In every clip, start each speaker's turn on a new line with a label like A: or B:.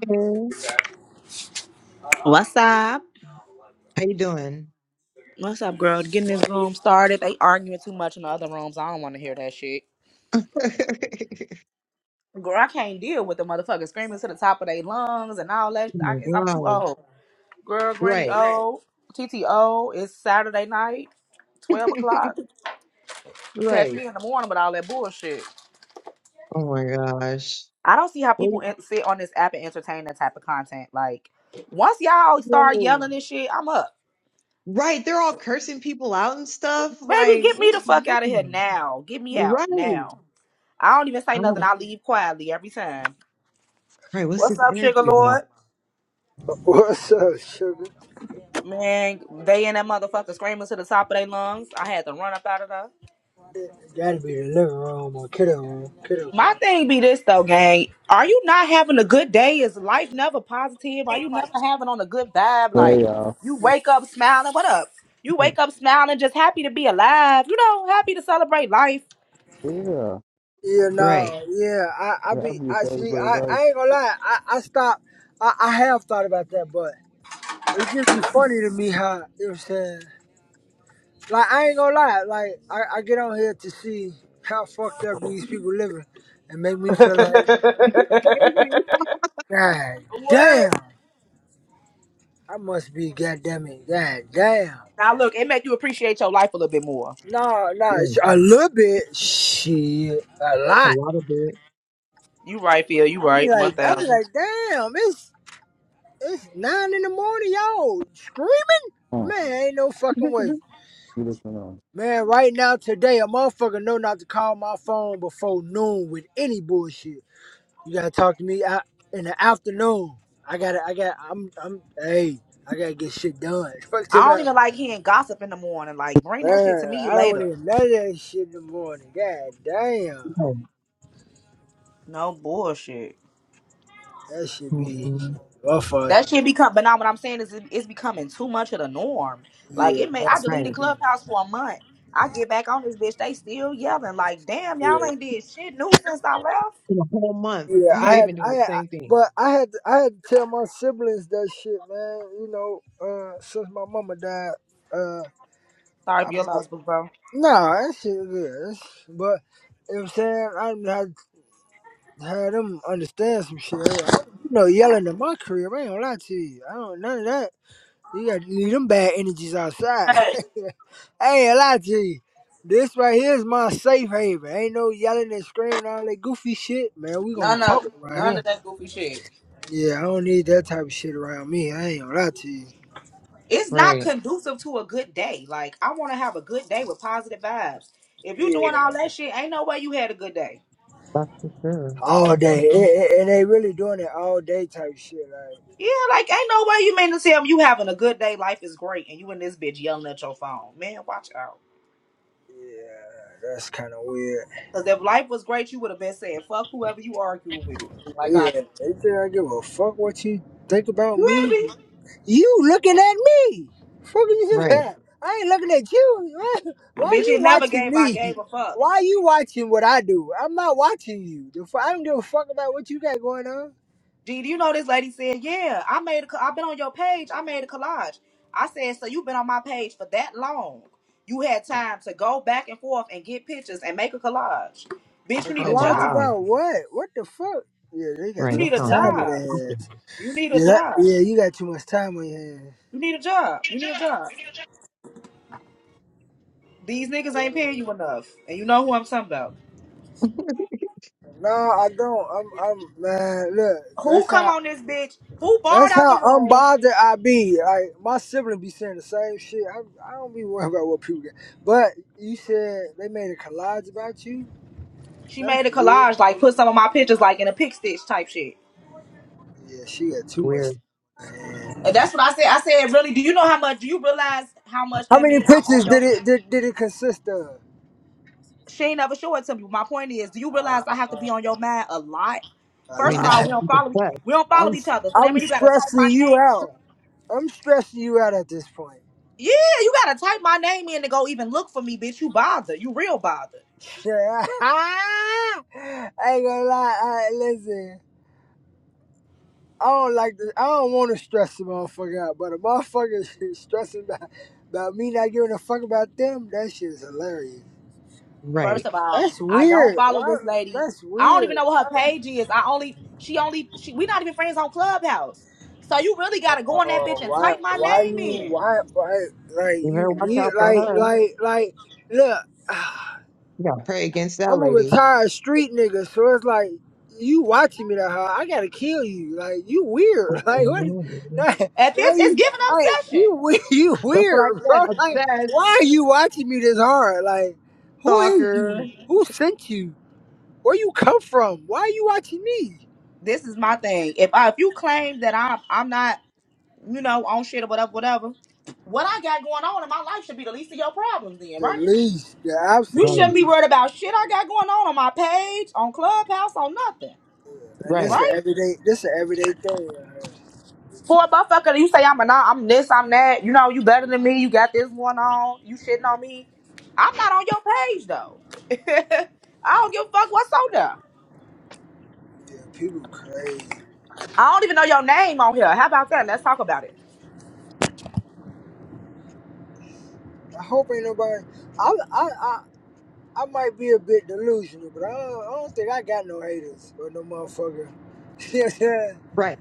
A: Hey,
B: What's up?
A: How you doing?
B: What's up, girl? Getting this room started. They arguing too much in the other rooms. I don't want to hear that shit.
A: oh
B: Girl, I can't deal with the motherfuckers screaming to the top of their lungs and all that. I, it's- I'm
A: my
B: too
A: gosh.
B: old. Girl, Granny
A: Right.
B: old. TTO It's Saturday night, 12 o'clock. Catch
A: right.
B: me in the morning with all that bullshit.
A: Oh my gosh.
B: I don't see how people
A: Wait.
B: en- sit on this app and entertain that type of content. Like, once y'all start
A: Whoa.
B: yelling and shit, I'm up.
A: Right. They're all cursing people out and stuff.
B: Baby,
A: Like,
B: get
A: what
B: me the
A: is
B: fuck out of here
A: happening?
B: now. Get me out
A: Right.
B: now. I don't even say
A: I
B: nothing.
A: don't,
B: I leave quietly every time.
A: right. What's
B: What's
A: this
B: up,
A: energy
B: Sugar
A: about?
B: Lord?
C: What's up, sugar?
B: Man, they and that motherfucker screaming to the top of their lungs. I had to run up out of there.
C: It Gotta be the living room or kiddo room. Kiddo. crib.
B: My thing be this though, gang. Are you not having a good day? Is life never positive? Are you never having on a good vibe?
D: Hey
B: Like
D: y'all.
B: you wake up smiling. What up? You
A: Right.
B: wake up smiling, just happy to be alive. You know, happy to celebrate life.
D: Yeah.
C: Yeah, no.
A: Right.
C: yeah, I, I
D: You happy
C: be,
D: you
C: I see,
D: celebrate
C: I,
D: Oh,
C: I ain't gonna lie, I, I stopped, I, I have thought about that, but it just be funny to me how, you know what I'm saying? Like, I ain't gonna lie, like, I, I get on here to see how fucked up these people living and make me feel like,
A: It's Crazy.
C: God
B: What?
C: damn, I must be, goddamn it, God damn.
B: Now look, it make you appreciate your life a little bit more.
C: No, no, it's
A: Right.
C: a little bit, shit, a
A: A
C: lot.
A: lot of it.
B: You right, Phil. You
C: I'd be
B: right. One
C: like, I'd be
B: thousand.
C: like, damn, it's it's nine in the morning, y'all screaming. Man, ain't no fucking way.
D: You listen on.
C: Man, right now today, a motherfucker know not to call my phone before noon with any bullshit. You gotta talk to me out in the afternoon. I gotta, I got, I'm, I'm, hey, I gotta get shit done. Fuck to
B: I don't
C: man.
B: even like hearing gossip in the morning. Like, bring that shit to
C: Man,
B: me
C: I don't
B: later.
C: even know that shit in the morning. God damn,
A: right.
B: No bullshit.
C: that should be,
A: Mm-mm.
B: That
C: motherfucker.
B: shit become, but now what I'm saying is it, it's becoming too much of the norm. Like,
C: Yeah,
B: it may, I deleted
A: Right.
C: motherfucker.
B: Clubhouse for a month. I get back on this bitch, they still yelling. Like, damn,
C: Yeah.
B: y'all ain't did shit new since I left.
A: In a whole month,
C: Yeah, I
A: they've
C: had,
A: been doing
C: I, had,
A: the same thing.
C: but I had, I had to tell my siblings that shit, man. You know, uh, since my mama died, uh,
B: Sorry for
C: I'm
B: your loss,
C: like,
B: boo, bro.
C: nah, that shit is good. That's- But you know what I'm saying, I done had had them understand some shit. hey, I don't, you know, yelling in my career, I ain't gonna lie to you. I don't none of that. You got to leave them bad energies outside. I ain't gonna lie to you. This right here is my safe haven. Ain't no yelling and screaming all that goofy shit, man. We gonna
B: None of
C: talk
B: it.
C: right here.
B: None of that goofy shit.
C: Yeah, I don't need that type of shit around me. I ain't gonna lie to you.
B: It's not
A: Right.
B: conducive to a good day. Like, I want to have a good day with positive vibes. If you doing
C: Yeah.
B: all that shit, ain't no way you had a good day.
A: That's for sure.
C: All day. And, and- and they really doing it all day type shit. Like,
B: Yeah, like ain't no way you mean to tell me you having a good day, life is great, and you in this bitch yelling at your phone. Man, watch out.
C: yeah, that's kind of weird.
B: Cause if life was great, you would have been saying fuck whoever you arguing with, like I
C: Yeah,
B: do.
C: they think I give a fuck what you think about
B: You
C: me? You looking at me. Fucking you
A: Right.
C: at? I ain't looking at you. Why
B: Bitch,
C: you
B: it never
C: watching
B: gave I
C: me?
B: gave a fuck.
C: Why you watching what I do? I'm not watching you. The fu- I don't give a fuck about what you got going on.
B: Gee, do you know this lady said, yeah, I made a, co- I've been on your page, I made a collage. I said, so you've been on my page for that long. You had time to go back and forth and get pictures and make a collage. Bitch,
C: A
B: you need
A: Oh
B: a
A: my
C: collage
B: job.
A: God.
C: about what? What the fuck? Yeah, they got
B: You
A: Right.
C: too
A: That
B: need
C: much
B: a
A: sounds like
C: time
A: a
C: on
B: job.
C: their
A: something
C: hands.
B: You need a
C: Yeah, that,
B: job.
C: yeah, you got too much time on your hands.
B: You need a job. You need a job. These niggas ain't paying you enough. And you know who I'm talking about.
C: No, I don't. I'm, I'm, man. Look,
B: Who
C: that's
B: come
C: how,
B: on this bitch? Who barred
C: that's
B: out the
C: how
B: room?
C: unbothered I be. Like my sibling be saying the same shit. I, I don't be worried about what people get. But you said they made a collage about you.
B: She
C: That's
B: made a
C: weird.
B: collage, like put some of my pictures like in a pick stitch type shit.
C: Yeah, she got too much.
A: weird.
C: Man.
B: And that's what I said. I said, really, do you know how much do you realize how much
C: How
B: that
C: many
B: mean I'm on
C: pictures
B: your
C: did it did, did it consist of?
B: she ain't never show it to me. My point is, do you realize
C: Uh,
B: I have to be on your mind a lot?
C: a
A: I
B: First
A: mean,
B: of
A: that's
B: all,
A: not
B: we
C: lot.
B: don't
A: even
B: follow
A: sex.
B: we don't follow
C: I'm
B: each other. So that
C: I'm
B: means you gotta type my
C: stressing you
B: name
C: out.
B: in.
C: I'm stressing you out at this point.
B: Yeah, you gotta type my name in to go even look for me, bitch. You bother. You real bother.
C: Yeah, I ain't gonna lie. I, listen, I don't like this. I don't want to stress the motherfucker out, but a motherfucker is stressing about, about me not giving a fuck about them. That shit is hilarious.
B: First
A: Right.
B: of all,
C: That's
B: I don't
C: weird.
B: follow
C: Why?
B: this lady.
C: That's
B: I don't even
C: weird.
B: know what her
C: Why?
B: page is. I only she only she we not even friends on Clubhouse. So you really gotta go on that bitch
C: Oh,
B: and
C: why?
B: type my
C: Why
B: name
C: you?
B: in.
C: Why? Why? Like
A: You
C: you?
A: better watch out
C: weird-
A: for
C: Like
A: her.
C: like like. Look.
A: You gotta pray against that
C: I'm a
A: lady.
C: retired street nigga, so it's like you watching me that hard. I gotta kill you. Like you weird. Like what?
A: Mhm.
C: Now,
B: If
C: now
B: it's it's
C: you
B: giving
C: like
B: obsession.
C: you we- you
A: That's what I
C: weird,
A: said.
C: bro. Like why are
A: Obsessed
C: you watching me this hard? Like who is you?
A: stalker.
C: Who sent you? Where you come from? Why are you watching me?
B: This is my thing. If I if you claim that I'm I'm not, you know, on shit or whatever, whatever, what I got going on in my life should be the least of your problems then,
C: The
B: right?
C: least, the
B: You
A: Right.
C: absolute
B: shouldn't be
C: least.
B: worried about shit I got going on on my page, on Clubhouse, on nothing,
C: And this
A: Right.
C: an
B: right?
C: everyday. This an everyday thing. right here.
B: For a motherfucker, you say I'm a nah, I'm this, I'm that. You know, you better than me. You got this going on. You shitting on me. I'm not on your page though. I don't give a fuck what's on there.
C: Yeah, people crazy.
B: I don't even know your name on here. How about that? Let's talk about it.
C: I hope ain't nobody. I I, I I might be a bit delusional, but I don't, I don't think I got no haters or no motherfucker.
A: Right.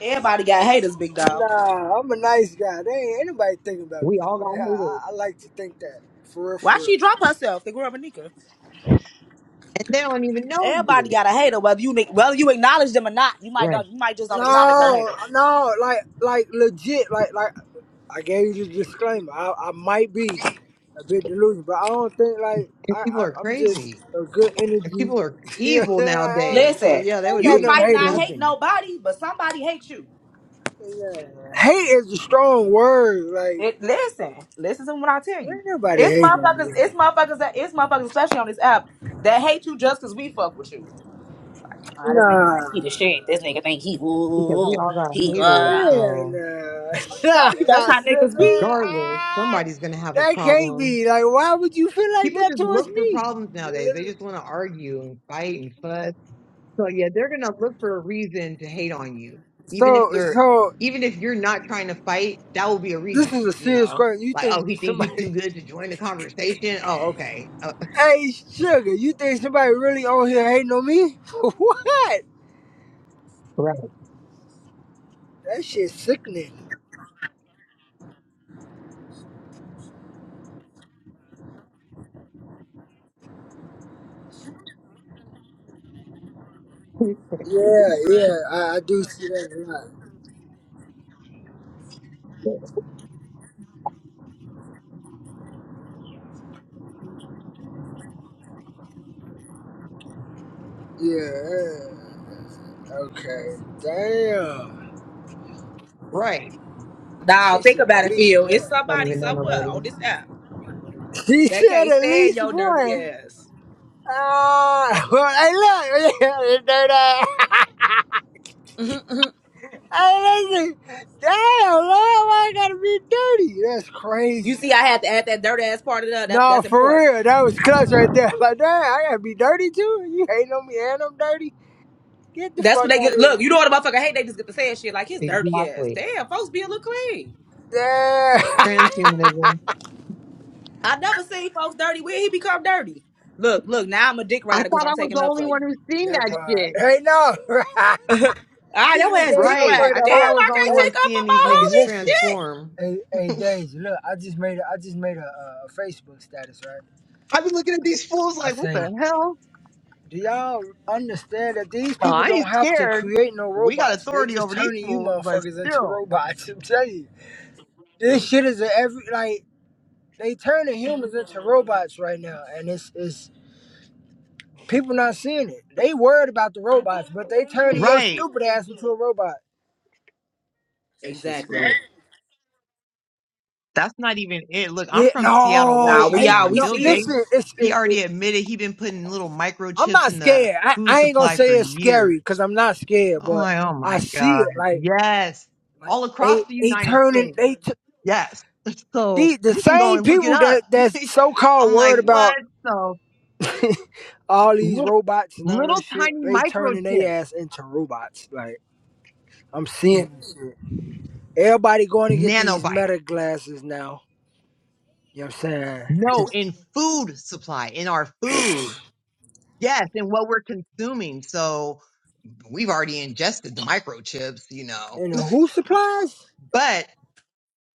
B: Everybody got haters, big dog.
C: nah, I'm a nice guy. They ain't anybody thinking about
A: We
C: me.
A: all
C: I,
A: got haters.
C: I, I like to think that for real, for
B: Why
C: real.
B: she drop herself? The girl Monica.
A: And they don't even know
B: Everybody
A: you.
B: got a hater, whether you whether you acknowledge them or not. You might
A: Right.
B: don't, you might just don't acknowledge your
C: No,
B: haters.
C: no, like, like legit, like, like I gave you the disclaimer. I, I might be a bit delusional, but I don't think like
A: And
C: I,
A: people
C: I
A: are
C: I'm just
A: crazy.
C: a good
A: And
C: energy.
A: people are
C: you know what I'm
A: evil
C: saying? Like, I,
A: nowadays. So
B: Listen,
A: yeah, they
C: I
A: would
C: ain't
B: you
C: got
A: hate
C: no
A: you
B: might
A: for
B: not
C: haters.
B: hate
A: nothing.
B: nobody, but somebody hates you.
C: Yeah. Hate is a strong word. Like.
B: It, listen, listen to what I tell you.
C: Ain't nobody
B: It's
C: hating on
B: motherfuckers.
C: me.
B: It's motherfuckers. That it's motherfuckers, especially on this app, that hate you just because we fuck with you. Ah, this nigga
C: Nah.
B: think he the shit. This nigga think he ooh, ooh,
A: Because we
B: ooh.
A: all got
B: he uh.
A: haters.
B: I'm
C: Man,
A: So
C: nah.
B: telling you, that's
C: Nah,
B: how
C: man.
B: niggas be.
A: regardless,
C: Ah,
A: somebody's gonna have a
C: that can't
A: problem
C: be. Like, why would you feel like
A: People
C: that
A: just
C: towards
A: look for
C: me?
A: problems nowadays. They just want to argue and fight and fuss. So yeah, they're gonna look for a reason to hate on you, even if
C: So,
A: they're
C: so
A: even if you're not trying to fight. That will be a
C: this
A: reason,
C: is a
A: you
C: serious
A: know.
C: question. You
A: Like,
C: think
A: oh, he think he too
C: somebody?
A: good to join the conversation. Oh, okay, uh,
C: hey, sugar, you think somebody really on here hating on me? what?
A: right,
C: That shit's sickening. Yeah, yeah, I, I do see that a lot. Yeah. Okay. Damn.
A: right.
B: Nah,
C: She
B: think
C: said at
B: about it,
C: least
B: Phil. It's
C: one.
A: Don't
B: somebody
A: even know
B: somewhere
A: nobody.
B: on this app
C: She
B: that
C: said
B: can't
C: at
B: stand
C: least
B: your dirty
C: one.
B: ass.
C: Ah, well, hey, look. you dirty.
B: Mhm, mhm.
C: hey, listen. Damn, Lord, why I gotta be dirty? That's
B: You
C: crazy.
B: see, I had to add that dirty ass part of that. that
C: No,
B: that's
C: for
B: important.
C: real. That was clutch right there. Like, damn, I gotta be dirty too? You hating on me and I'm dirty? Get the
B: That's
C: fuck
B: what they
C: out of
B: get. Look,
C: here.
B: you know what a motherfucker hate? They just get to saying shit like his dirty ass.
A: Exactly.
B: Damn, folks be a little clean.
C: Damn.
A: Transhumanism.
B: I never seen folks dirty. Where he become dirty? Look, look. Now I'm a dick
A: I
B: rider because
A: thought
B: I'm
A: I was
B: taking
A: the
B: up
A: only
B: for
A: one
B: you.
A: who's seen
C: that
A: that
C: part.
A: shit.
C: Hey, no.
B: Ah,
C: she
B: your
C: just gave
B: ass dick
A: Right.
B: ride.
C: motherfucker
A: I
C: the
B: Damn,
A: thought I
C: whole.
A: was
B: I
A: the only
B: can't
C: Hey,
A: one
B: take up for
A: seeing these
B: my
C: hey,
A: niggas
C: listen.
B: homie. Shit.
A: transform.
C: Hey, hey, Daisy, look, I just made a, I just made a uh, a Facebook status, right?
A: I've been looking at these fools
C: I
A: like, what
C: say,
A: the hell?
C: do y'all understand that these
A: No,
C: people
A: I
C: don't
A: ain't
C: have to
A: scared.
C: create no
A: We got
C: robots? They
A: authority
C: just
A: over these
C: turning you
A: fools, but
C: motherfuckers into
A: still.
C: robots. I'm telling you, this shit is a every like they turning humans into robots right now, and it's it's people not seeing it. They worried about the robots, but they turning your
A: Right.
C: stupid ass into a robot. That shit's
B: Exactly.
C: scary.
A: That's not even it. Look, I'm
C: Yeah,
A: from Seattle,
B: Nah,
C: no,
B: we
C: ain't
A: Washington,
B: all we
A: and
C: no.
A: Bill
B: see it.
A: Gates,
C: Listen, it's
A: he
C: it, it,
A: already admitted he been putting little
C: I'm
A: microchips
C: not
A: in the
C: scared. I,
A: food
C: I ain't gonna
A: supply for
C: say it's scary because
A: years.
C: I'm not scared,
A: Oh
C: but
A: my, oh
C: I
A: my
C: see
A: God.
C: it like
A: Yes.
C: like
A: All across
C: they
A: the
C: they
A: United
C: turning
A: States.
C: they t-
A: Yes. So
C: the the
A: you can go
C: same
A: and look it
C: people
A: up.
C: that that's so called
A: I'm
C: worried
A: like, what?
C: about
A: So
C: all these
A: little,
C: robots and all
A: little
C: that
A: tiny
C: shit, they turning their
A: microchip,
C: ass into robots. Like I'm seeing this shit. Everybody going to get these
A: nanobites.
C: meta glasses now. You know what I'm saying?
A: No, in food supply, in our food. Yes, in what we're consuming. So we've already ingested the microchips, you know.
C: And the who supplies?
A: But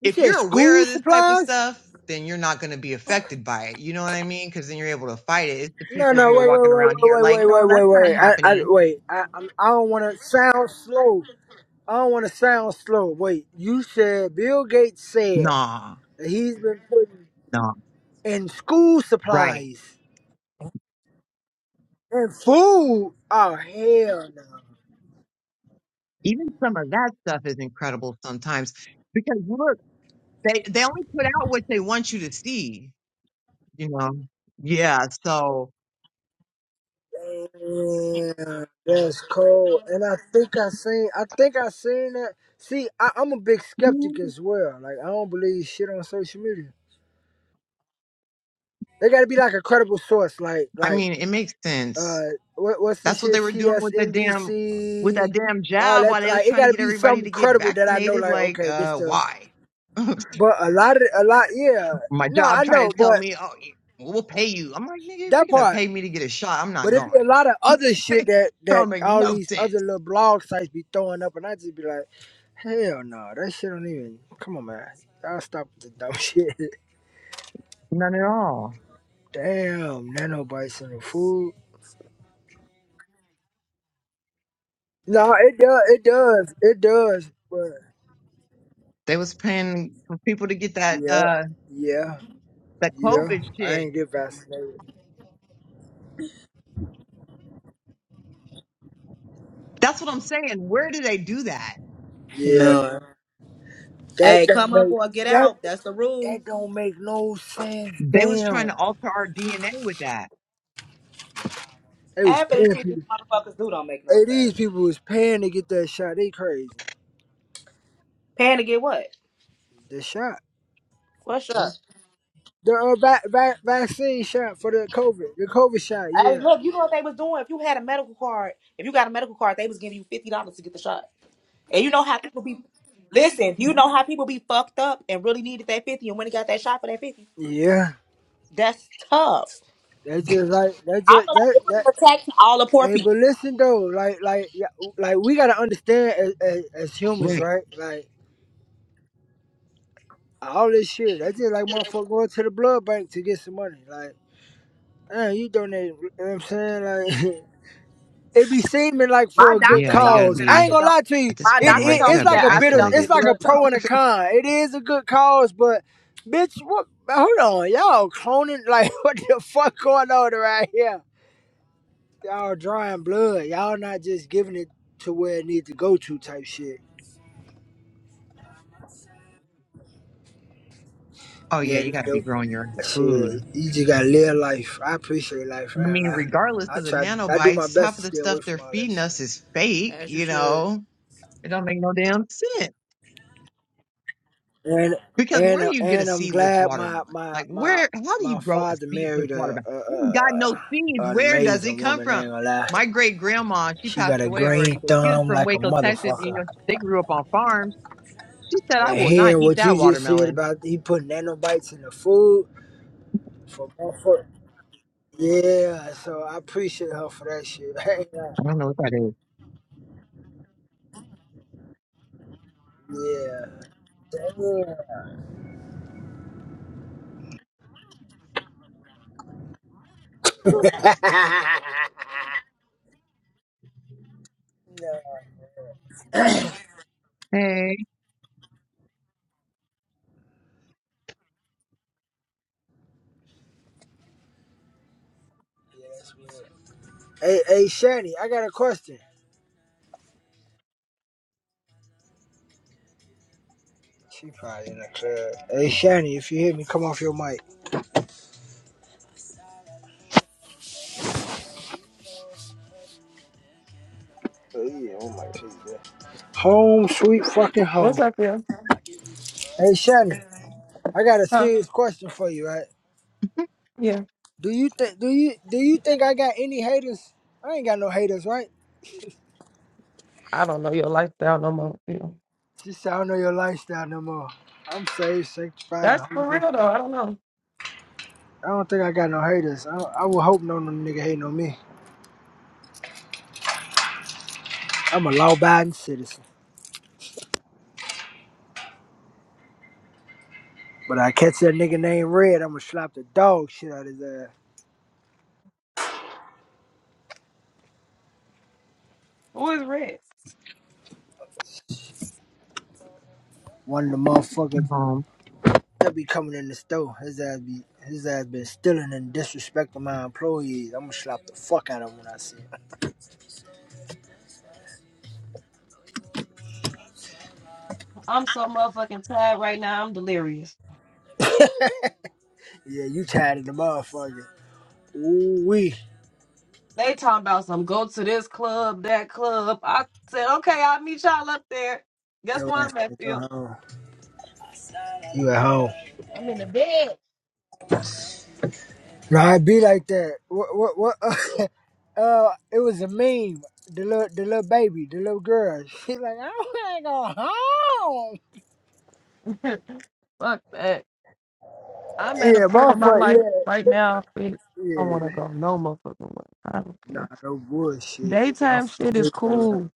C: You
A: if
C: said
A: you're aware
C: school
A: of this type of
C: supplies?
A: stuff, then you're not going to be affected by it. You know what I mean? Because then you're able to fight it. It's the
C: No,
A: people
C: no,
A: who are
C: wait, wait,
A: walking
C: wait,
A: around here
C: wait,
A: like,
C: wait, wait,
A: no,
C: wait,
A: that's
C: wait,
A: not
C: I, I,
A: happening.
C: wait. I, I'm, I don't want to sound slow. I don't want to sound slow. Wait, you said Bill Gates said
A: Nah,
C: that he's been putting
A: nah,
C: and school
A: right.
C: supplies and food. Oh hell
A: Even some of that stuff is incredible sometimes because look, they, they only put out what they want you to see, you know? Yeah. So
C: no! Damn, that's cold. And I think I seen. I think I seen that. See, I, I'm a big skeptic as well. Like I don't believe shit on social media. They got to be like a credible source. Like
A: I
C: like
A: mean, it makes sense.
C: uh, what what's the
A: That's what
C: shit?
A: they were doing with that damn with that
C: CSNBC.
A: damn
C: All
A: job
C: that
A: while they was
C: like it
A: trying
C: got
A: to
C: to
A: get
C: be
A: everybody
C: something
A: to get
C: credible that I know.
A: vaccinated.
C: Like
A: Like,
C: okay, this
A: uh,
C: the.
A: why?
C: But a lot of a lot yeah.
A: My
C: No,
A: job
C: I
A: trying
C: know,
A: to tell
C: but
A: me, oh, y- we'll pay you. I'm like, nigga, if
C: that
A: you're gonna
C: part.
A: pay me to get a shot, I'm
C: But
A: not
C: it be
A: going.
C: a lot of other
A: that
C: shit that
A: don't
C: that
A: make
C: all
A: no
C: these other
A: sense.
C: little blog sites be throwing up, and I just be like, hell no, that shit don't even. Come on, man, y'all stop with the dumb shit.
A: None at all.
C: Damn, nano bites in the food. No, it does, it does, it does. But
A: They was paying for people to get that
C: yeah,
A: uh
C: yeah,
A: that
C: yeah,
A: COVID
C: I
A: shit.
C: ain't get vaccinated.
A: That's what I'm saying. Where do they do that?
C: Yeah,
B: No.
C: that
B: Hey,
C: don't
B: come up
C: make
B: or get
C: that
B: out. That's the rule.
C: that don't make no sense.
A: They was trying
C: Damn,
A: to alter our DNA with that.
C: they was
B: Half of the
C: paying
B: shit these
C: people.
B: motherfuckers do don't make no
C: Hey, these
B: sense.
C: people was paying to get that shot. They crazy.
B: Paying to get what?
C: The shot.
B: What's up?
C: The uh, va- va- vaccine shot for the COVID, the COVID shot,
B: Hey,
C: yeah,
B: look, you know what they was doing? If you had a medical card, if you got a medical card, they was giving you fifty dollars to get the shot. And you know how people be listen, you know how people be fucked up and really needed that 50 and when they got that shot for that 50.
C: yeah.
B: That's tough.
C: That's just like that's
B: I
C: just
B: feel like
C: that
B: it was
C: that.
B: an attack to all the poor
C: Hey,
B: people.
C: but listen though, like like yeah, like we gotta understand as, as, as humans,
A: Right.
C: right? Like all this shit, that's just like motherfucker going to the blood bank to get some money. Like, man, you donate. You know what I'm saying, like. it be seeming like
B: My
C: for a good
B: doctor
A: Yeah, you got
B: told
A: to
B: me
C: cause.
B: that I
C: I ain't
A: be
B: should
C: gonna
B: don't
C: lie to you.
A: at this
B: my
A: point
C: It, it
A: in
B: doctor
A: life. We
B: told
A: got
C: it's
A: to
B: me
C: like
A: be
B: that
C: a
B: I
C: bit
B: should
C: of It's
B: donate
A: isolated.
C: like a
B: blood
C: pro
B: though.
C: and a con. It is a good cause, but bitch, what? Hold on, y'all cloning like what the fuck going on around here? Y'all drawing blood. Y'all not just giving it to where it needs to go to type shit.
A: oh yeah,
C: Yeah,
A: you got to be
C: the,
A: growing your own
C: the,
A: food.
C: shit. You just gotta live life. I appreciate life,
A: I
C: man.
A: mean, regardless
C: I, I
A: of the
C: try. I do my
A: nanobites,
C: best
A: half
C: to
A: of the
C: stay
A: stuff
C: away
A: they're
C: from all that
A: feeding
C: shit.
A: us is fake. You know, it don't make no damn sense.
C: and
A: Because
C: and
A: where
C: uh,
A: do you get a
C: and I'm
A: seedless
C: glad my
A: watermelon?
C: my
A: Like
C: my
A: where? How do you
C: my
A: grow a
C: father
A: seedless
C: married a,
A: watermelon?
C: a,
A: It ain't got no seeds.
C: a an
A: Where does it
C: amazing
A: come
C: woman. I ain't
A: from?
C: gonna lie,
A: My great grandma, she
C: she
A: passed
C: got a
A: away
C: green
A: already, but she was
C: thumb
A: from
C: like a
A: Waco, Texas. You know,
C: motherfucker.
A: they grew up on farms. She said, "I
C: And
A: will not
C: hearing
A: eat
C: what you
A: that
C: just said
A: watermelon."
C: about he putting nanobites in the food for motherfucker. Yeah, so I appreciate her for that shit. I ain't gonna-
A: I don't know what that is.
C: yeah. Damn. no. Yeah,
A: Hey.
C: that's weird. Hey, hey, Shani, I got a question. She probably in the club. Hey, Shani, if you hear me, come off your mic. Oh yeah, oh my Jesus. Home sweet fucking home.
E: What's up, yeah?
C: Hey, Shani, I got a
E: Huh?
C: serious question for you, right?
E: Yeah.
C: Do you think do you do you think I got any haters? I ain't got no haters, right?
E: I don't know your lifestyle no more. You know.
C: She said I don't know your lifestyle no more. I'm saved, sanctified, and
E: That's
C: holy.
E: for
C: Ghost.
E: real though. I don't know.
C: I don't think I got no haters. I, I would hope no no nigga hating on me. I'm a law-abiding citizen. But I catch that nigga named Red, I'ma slap the dog shit out of his ass.
E: Who is Rex?
C: One of the motherfuckers.
A: home.
C: They'll be coming in the store. His ass be his ass been stealing and disrespecting my employees. I'ma slap the fuck out of him when I see him.
E: I'm so motherfucking tired right now. I'm delirious.
C: Yeah, you tired of the motherfucker. Ooh wee.
E: They talking about some go to this club, that club. I said, okay, I'll meet y'all up there. Guess
C: Yo
E: what
C: ass
E: I'm at,
C: can go
E: Phil?
C: home. You at home.
E: I'm in the bed.
C: Nah, it be like that. What what what uh it was a meme. The little the little baby, the little girl. She's like, I wanna go home.
E: Fuck that. I'm at a
C: Yeah,
E: point in my life
C: motherfucker,
E: right now. Phil,
C: yeah.
E: I don't
C: Yeah.
E: want to go no motherfucking way. I don't
C: Nah,
E: care.
C: no bullshit. I'm
E: Daytime shit is
C: familiar,
E: cool.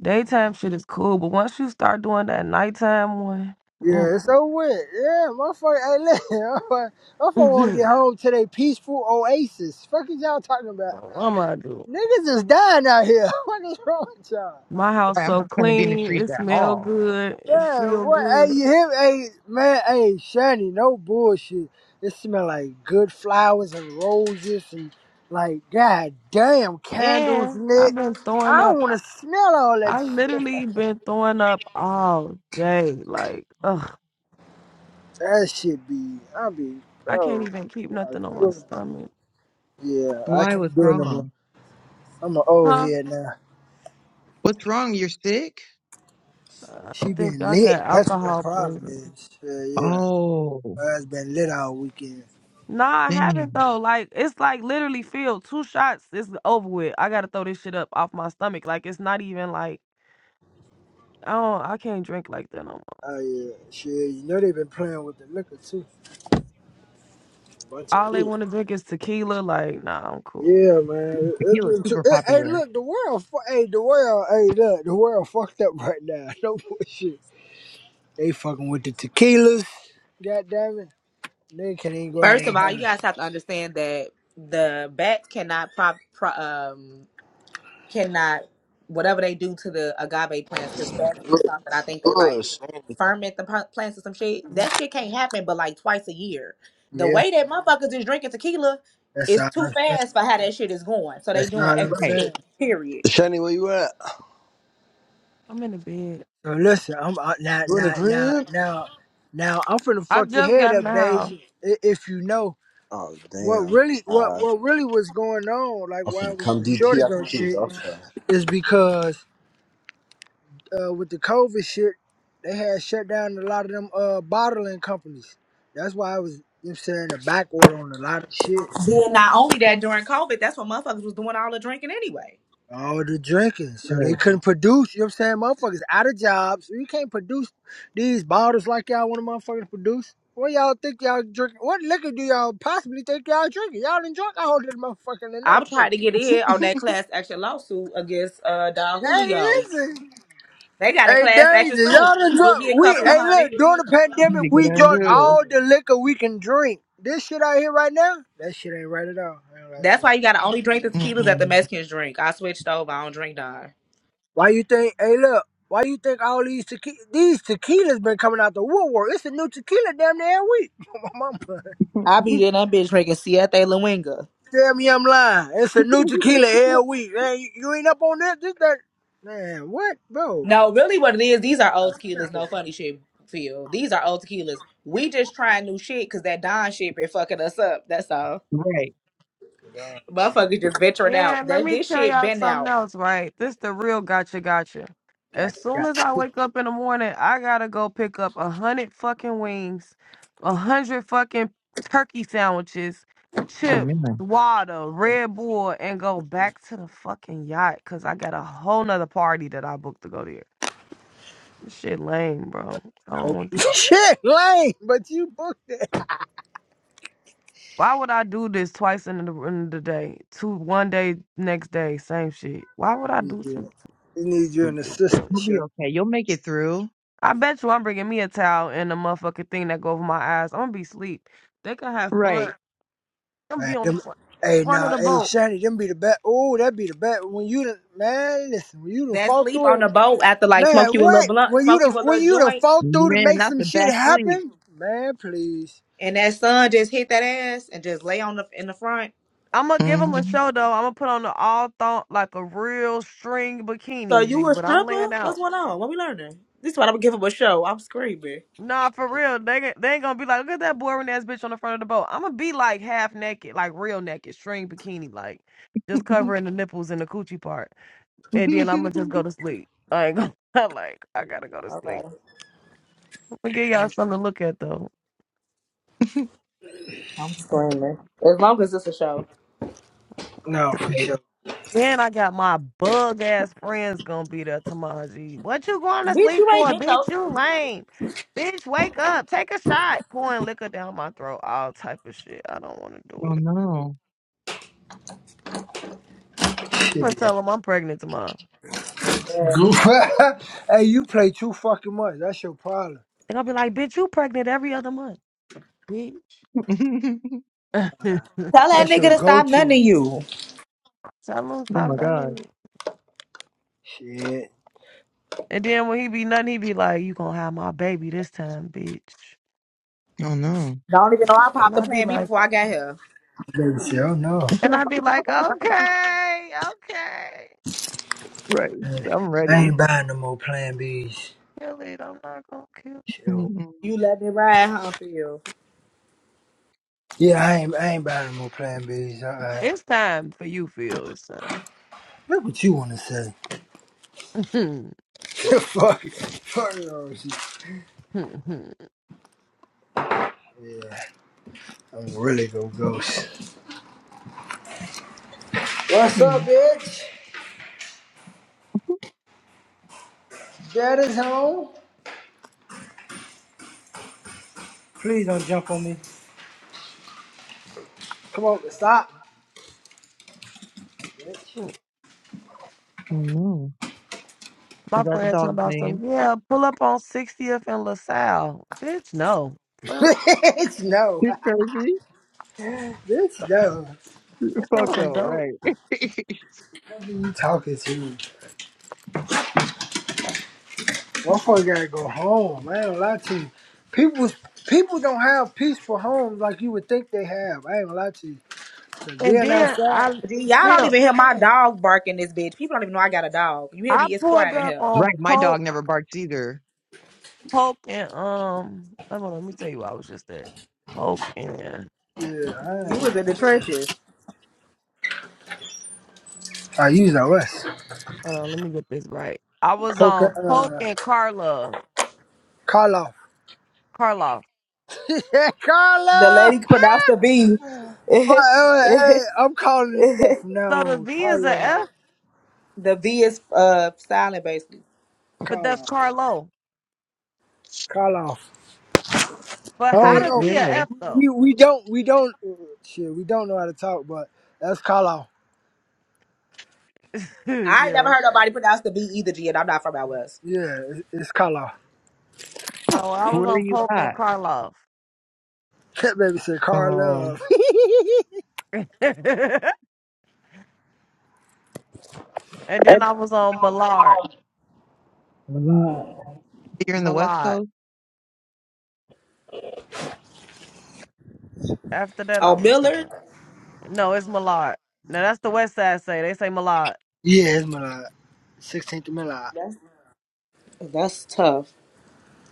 E: Daytime shit is cool, but once you start doing that nighttime one, mm,
C: Yeah, it's so wet. Yeah, motherfucker. Hey, listen, motherfucker want to get home to their peaceful oasis. Fuck is y'all talking about?
E: what am I do?
C: Niggas is dying out here. What is wrong with y'all?
E: My house
A: Right, I'm
E: so
A: not trying to be in the
E: clean,
A: streets
E: it
A: at
E: smell
A: all.
E: good, it
C: Yeah,
E: feel
C: what? Hey,
E: good,
C: you hear? me? Hey, man. Hey, Shani, no bullshit. It smell like good flowers and roses and like goddamn candles
E: and I've
C: lit.
E: been throwing
C: I
E: up.
C: don't want to smell all that.
E: I
C: Shit.
E: literally been throwing up all day. Like, ugh,
C: That shit be. I be,
E: I can't
C: bro.
E: even keep
C: I gotta
E: nothing on
C: do
E: my
C: it.
E: stomach.
C: Yeah, I
A: Why?
C: can't
A: What's
C: do it no more.
A: wrong?
C: I'm an old
E: Huh?
C: head now.
A: What's wrong? You're sick?
E: I
C: She
E: think
C: been
E: I
C: lit.
E: got
C: That's what her
E: alcohol
C: problem
E: poisoning.
C: is. Yeah, yeah.
A: Oh,
C: Her ass been lit all weekend.
E: No, I
A: dang.
E: haven't though. Like it's like literally filled. Two shots, it's over with. I gotta throw this shit up off my stomach. Like it's not even like I don't. I can't drink like that no more.
C: Oh yeah. Shit, you know they been playing with the liquor too. Bunch of
E: All they
C: weed.
E: want to drink is tequila. Like, nah, I'm cool.
C: Yeah, man. It- It's
A: Tequila's
C: been too.
A: super
C: It, hey,
A: popular.
C: look, the world. fu- Hey, the world. Hey, look, the world fucked up right now. No bullshit. They fucking with the tequilas. God damn it. They can't even go out
B: First of
C: and
B: all,
C: have.
B: you
C: it.
B: guys have to understand that the bats cannot prop, pro, um cannot whatever they do to the agave plants because bats do something. I think they like
F: Good.
B: ferment the pl- plants or some shit.
E: Mm,
B: That shit can't happen, but like twice a year. The
C: Yeah,
B: way that motherfuckers is drinking tequila
C: that's
B: is
C: all
B: too
C: I'm saying.
B: fast for how that shit is going. So they
C: That's all
B: doing
C: I'm
B: extra
A: Right.
C: saying.
B: shit. Period.
F: Shani, where you at?
E: I'm in the bed.
C: So listen, I'm uh, now,
F: You in the
C: now, now,
F: crib?
C: now, now. I'm finna
E: I
C: fuck your
E: just
C: head
E: got in
C: up,
E: the house.
C: Daisy. i- If you know
F: Oh,
C: what
F: damn.
C: really, what,
F: Uh,
C: what really was going on, like
F: I'm
C: why
F: finna
C: was
F: come
C: the
F: DT
C: shortage on
F: after
C: shit,
F: two.
C: is because uh, with the COVID shit, they had shut down a lot of them uh bottling companies. That's why I was, you know, what I'm saying the back order on a lot of shit.
B: Then not only that, during COVID, that's when motherfuckers was doing all the drinking anyway.
C: All the drinking, so they
A: Right.
C: couldn't produce. You know what I'm saying? Motherfuckers out of jobs. You can't produce these bottles like y'all want to motherfuckers produce. What y'all think y'all drinking? What liquor do y'all possibly think y'all drinking? Y'all done drunk all this motherfucking tonight.
B: I'm
C: Oh.
B: trying to get in on that class action lawsuit against uh Don
C: Hey,
B: Julio.
C: listen.
B: They got a
C: Hey,
B: class action
C: Daisy,
B: suit.
C: y'all done
B: Give
C: drunk.
B: me a
C: We,
B: couple of
C: hey, look,
B: hundred.
C: during the
A: You need to
C: pandemic,
A: get
C: we
A: on
C: drunk all the liquor we can drink. This shit out here right now, that shit ain't right at all. I ain't gonna lie to
B: That's
C: you.
B: why you gotta only drink the tequilas that the
A: Mm-mm.
B: Mexicans drink. I switched over. I don't drink none.
C: Why you think? Hey, look. Why you think all these tequi- these tequilas been coming out the woodwork? It's a new tequila damn near every week. My mama
B: I be in that bitch drinking Siete Luenga.
C: tell me I'm lying. It's a new tequila every week. Man, you, you ain't up on that? This that? Man, what, bro?
B: No, really, what it is, these are old tequilas. No funny shit, Phil. These are old tequilas. We just trying new shit because that Don shit been fucking us up. That's all.
A: right.
C: Dog,
B: Motherfuckers just venturing out.
E: And let
B: That
E: me
B: this
E: tell
B: shit
E: y'all
B: been
E: something
B: out.
E: else, right? This the real gotcha, gotcha. As
C: Got you,
E: soon
C: got
E: as
C: you.
E: I wake up in the morning, I gotta go pick up a hundred fucking wings, a hundred fucking turkey sandwiches,
A: Oh,
E: chips,
A: man.
E: water, Red Bull, and go back to the fucking yacht because I got a whole nother party that I booked to go there. This shit lame, bro. I don't
C: Hope-
E: want this.
C: Shit, lame. But you booked that.
E: Why would I do this twice in the in the day? Two one day, next day, same shit. Why would I
C: Need
E: do some
C: you, we need you an
E: stupid thing?
C: assistant,
A: You'll be
C: show.
A: okay. You'll make it through.
E: I bet you I'm bringing me a towel and a motherfucking thing that go over my eyes. I'm gonna be sleep. They can have fun.
A: Right.
E: I'm gonna be
C: Man,
E: on the
C: them,
E: front,
C: hey,
E: front of
C: nah,
E: the
C: hey,
E: boat.
C: Shanny, them be the best. Oh, that be the best. When you, done- man, listen, when you done
B: That
C: fought
B: sleep
C: through it.
B: on the boat after like
C: Man,
B: smoke you a little
C: what?
B: blunt,
C: When you
B: smoke you
C: the
B: a
C: when
B: little
C: you the
B: joint,
C: fall through to
A: Man,
C: make
A: that's
C: some
A: the
C: shit
A: best sleep.
C: happen? Man, please.
B: and that sun just hit that ass and just lay on the in the front.
E: I'm gonna give them a
A: hmm
E: show though. I'm gonna put on the all thong like a real string
B: So
E: bikini,
B: you
E: G.
B: a
E: But I'm laying
B: stripper?
E: out.
B: What's going on? What we learning? This is what I'm giving a show. I'm screaming.
E: Nah, for real. They they ain't gonna be like, look at that boring ass bitch on the front of the boat. I'm gonna be like half naked, like real naked, string bikini, like just covering the nipples and the coochie part, and then I'm gonna just go to sleep. I ain't gonna I'm like I gotta go to
B: Okay, right.
E: sleep. I'm gonna give y'all something to look at though.
B: I'm screaming. As long as it's a show.
C: No, for
A: Right.
C: sure.
E: Then I got my bug ass friends gonna be there tomorrow. G. What you going to
B: Bitch,
E: sleep
B: you ain't
E: for,
B: getting no
E: bitch? You
B: sleep.
E: lame. Bitch, wake up. Take a shot. Pouring liquor down my throat. All type of shit. I don't want to do
A: Oh
E: it.
A: no.
E: I'm gonna
C: Shit, yeah.
E: tell them I'm pregnant tomorrow.
B: Yeah.
C: Goof. hey, you play too fucking much. That's your problem.
E: They're gonna be like, bitch, you pregnant every other month, bitch.
A: oh
E: Tell him
C: Uh,
B: Tell that
C: That's
B: nigga
C: your
B: to stop none
C: go-to.
B: of you.
E: stop
A: my god.
E: nothing.
C: Shit.
E: And then when he be nothing, he be like, you gonna have my baby this time, bitch.
A: Oh no.
B: Don't even know I
E: And
B: popped the
E: I be
B: plan B
E: like,
B: before I got here.
C: Baby, shit, oh no.
E: and I be like, okay, okay.
A: Right. I'm
C: I
A: ready.
C: ain't buying no more Plan Bs.
E: Kill it. I'm not gonna kill.
C: Shit. oh.
A: Mm-mm.
B: You let me ride, huh, for you.
C: Yeah, I ain't. I ain't buying no more Plan Bs. Alright.
E: It's time for you, Phil. It's time.
C: Look what you wanna say. Fuck. Fuck it all shit. Yeah, I'm really gonna ghost. What's up,
A: Hmm.
C: bitch?
A: I
C: Dad is home. Please don't jump on me. Come on, stop.
A: don't know. Is
E: my
A: that the
E: friend talking
A: dog's
E: about some,
A: name?
E: yeah, pull up on 60th and LaSalle. Bitch, no. Fuck.
C: Bitch, no.
A: You're crazy?
C: Bitch, no.
E: She's
A: Fuck
E: fucking
A: no,
E: dope.
A: right.
C: What are you talking to? Motherfucker gotta go home. I ain't gonna lie to you. People, people don't have peaceful homes like you would think they have. I ain't gonna lie to you. 'Cause
E: And
C: being
E: then
C: outside,
E: I,
B: Gee, y'all don't
E: Phil,
B: even hear my dog barking this bitch. People don't even know I got a dog. You hear
E: I
B: me? It's
E: pulled
B: quiet in
E: up
B: here.
E: on
A: right, my
E: Poke,
A: dog never barks either.
E: Poke, and um. Hold on, let me tell you where I was just at. Poke and
C: yeah, I
B: You was
C: ain't.
B: in the trenches.
C: I use the West.
E: hold on, let me get this right. I was
C: Poker,
E: on Poke
C: uh,
E: and Karlov,
C: Karloff.
E: Karloff.
C: yeah,
B: The
C: Karloff!
B: lady pronounced the V.
C: I'm, like, uh, hey, I'm calling it that from now
E: So the
C: on.
E: V is a
C: Karloff.
E: F,
B: the V is uh silent, basically.
E: but that's
C: Karloff.
E: Carlo.
C: Karloff.
E: But how
C: Oh
A: Wait,
E: the
C: no,
A: where?
E: V a F though?
C: we we don't we don't shit. We don't know how to talk, but that's Carlisle.
B: I ain't never
E: yeah,
B: heard
E: okay.
B: nobody pronounce the V either, G, and I'm not from out west.
C: Yeah, it- it's Carlisle.
E: Oh, I
A: Where
E: was
A: are
E: on
A: you
E: Poke and
A: at?
E: Karloff,
C: That baby said
A: Oh,
C: Carlisle.
E: and then I was on Millard,
C: Malad.
A: you're in the West
E: Millard.
A: Coast?
E: After that, I
B: Oh,
E: was
B: Miller?
E: done. No, it's Millard. Now that's the West Side say. They say Millard.
C: Yeah, it's Malad. Sixteenth of Malad.
B: That's tough.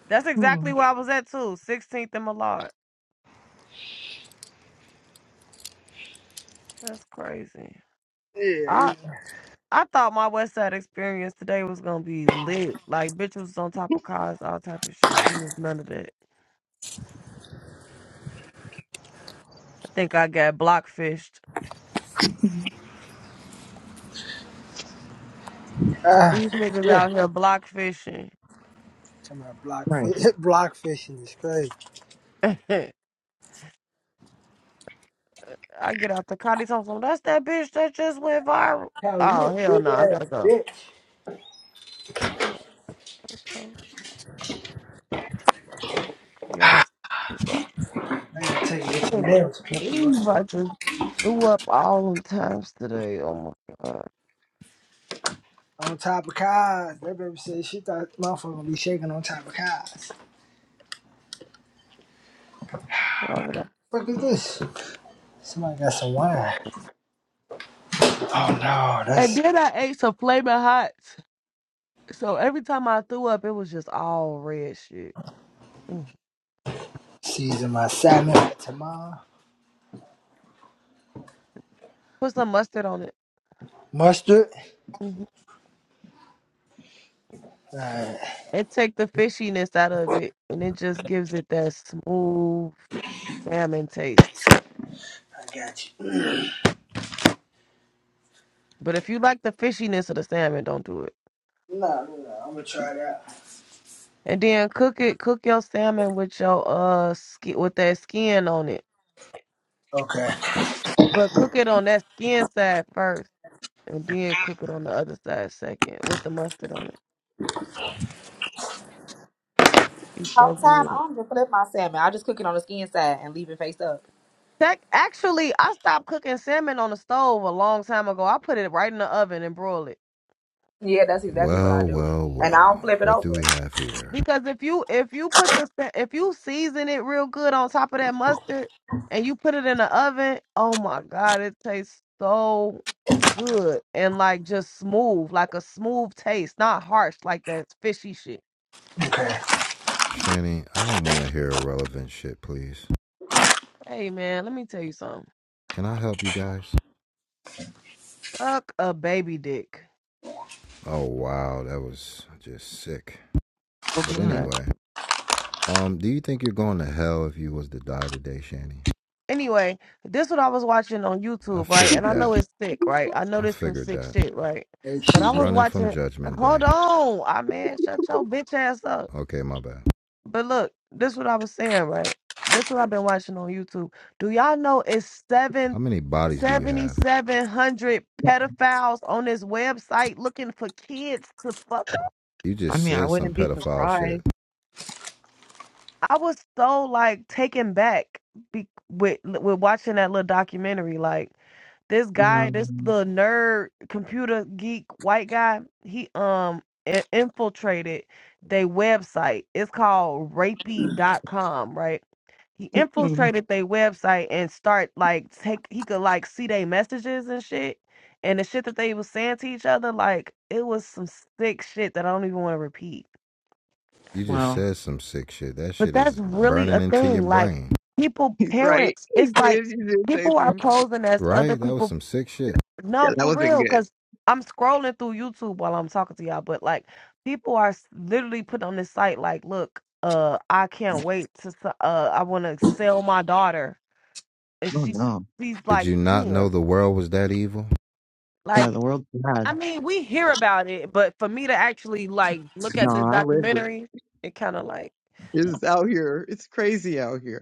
E: That's
A: Hmm.
E: exactly where I was at too. Sixteenth and Millard. That's crazy.
C: Yeah,
E: I
C: yeah.
E: I thought my West Side experience today was gonna be lit. Like bitches was on top of cars, all type of shit. It was none of that. I think I got blockfished.
A: Mhm.
C: Ah,
E: These niggas
C: yeah.
E: out here block fishing.
C: Talking about
A: Right.
C: blockfish. Blockfishing is crazy.
E: I get out the car, these hoes, that's that bitch that just went viral.
C: Callie, you a
E: Oh hell
C: big
E: no, I gotta
C: ass
E: go.
C: bitch.
E: Gotta go. Yeah, I gotta go.
C: I gotta take
E: I
C: it with your
E: can't
C: nails clipping,
E: believe
C: right?
E: I just blew up all them times today. Oh my
C: On top of cars. That baby said she thought motherfucker gonna be shaking on top of cars.
E: god.
C: Fuck is this? Somebody got some wine. Oh no, that's
E: And then I ate some flaming hots. So every time I threw up, it was just all red shit. Mm.
C: Season my salmon with tamar.
E: Put some mustard on it.
C: Mustard.
E: Mhm.
C: Alright,
E: And take the fishiness out of it. And it just gives it that smooth salmon taste.
C: I got you.
E: But if you like the fishiness of the salmon, don't do it.
C: No, no, no. I'm gonna try that.
E: And then cook it, cook your salmon with your uh skin with that skin on it.
C: Okay,
E: But cook it on that skin side first. And then cook it on the other side second with the mustard on it. It's
B: Whole
E: so
B: time
E: good.
B: I don't even flip my salmon. I just cook it on the skin side and leave it face up.
E: That actually, I stopped cooking salmon on the stove a long time ago. I put it right in the oven and broil it
B: Yeah, that's exactly what
G: Well,
B: I do.
G: well,
B: And I don't
G: well.
B: flip it
G: What do we
B: over.
G: have here?
E: because if you if you put the sa- if you season it real good on top of that mustard and you put it in the oven, oh my god, it tastes so good and like just smooth, like a smooth taste, not harsh like that fishy shit.
C: okay.
G: Shanny, I don't want to hear irrelevant shit, please.
E: Hey man, let me tell you something.
G: Can I help you guys?
E: Fuck a baby dick.
G: Oh, wow, that was just sick.
A: Hope
G: But
A: not.
G: anyway, um, do you think you're going to hell if you was to die today, Shanny?
E: Anyway, this what I was watching on
G: I
E: YouTube, right? And
G: figured
E: I know
G: that.
E: it's sick, right? I know
G: I
E: this some
G: figured
E: sick
G: that.
E: shit, right?
C: Hey,
E: But I
G: She's
C: she
E: was
G: running from
E: watching.
G: Judgment
E: Hold
G: Day.
E: on, I man, shut your bitch ass up.
G: Okay, my bad.
E: But look, this what I was saying, right? This what I've been watching on YouTube. Do y'all know it's seven,
G: How many bodies do you have?
E: seventy-seven hundred pedophiles on this website looking for kids to fuck?
G: You
A: I
G: just
A: mean, I
G: said some
A: wouldn't be
G: pedophile shit.
A: surprised.
E: I was so like taken back be- with with watching that little documentary, like. this guy,
A: No.
E: this little nerd computer geek white guy, he um i- infiltrated their website. It's called Rapey dot com, right? He
A: Mm,
E: infiltrated their website and start like take he could like see their messages and shit. And the shit that they was saying to each other, like it was some sick shit that I don't even want to repeat.
G: You just
A: Wow.
G: said some sick shit. That
E: But
G: shit is
E: that's really
G: burning
E: a
G: into your
E: thing. Like
G: brain.
E: people,
A: He's right.
E: parents,
A: He
E: it's like
A: did. He did say
E: people are
A: some.
E: posing as
G: Right?
E: other
G: That was
E: people
G: some sick shit.
A: Yeah, yeah,
E: No,
A: that
E: for
A: wasn't
E: real,
A: good.
E: because I'm scrolling through YouTube while I'm talking to y'all, but like people are s- literally putting on this site like, look, uh, I can't wait to, s- uh, I want to sell my daughter, and
A: Oh,
E: she's
A: no.
E: she's
G: Did
E: like
G: you not know
E: ten.
G: the world was that evil?
A: Yeah,
E: Like,
A: the world's bad.
E: I mean, we hear about it, but for me to actually like look at
A: No,
E: this
A: I lived it.
E: documentary, it kind of like
A: It's out here. It's crazy out here.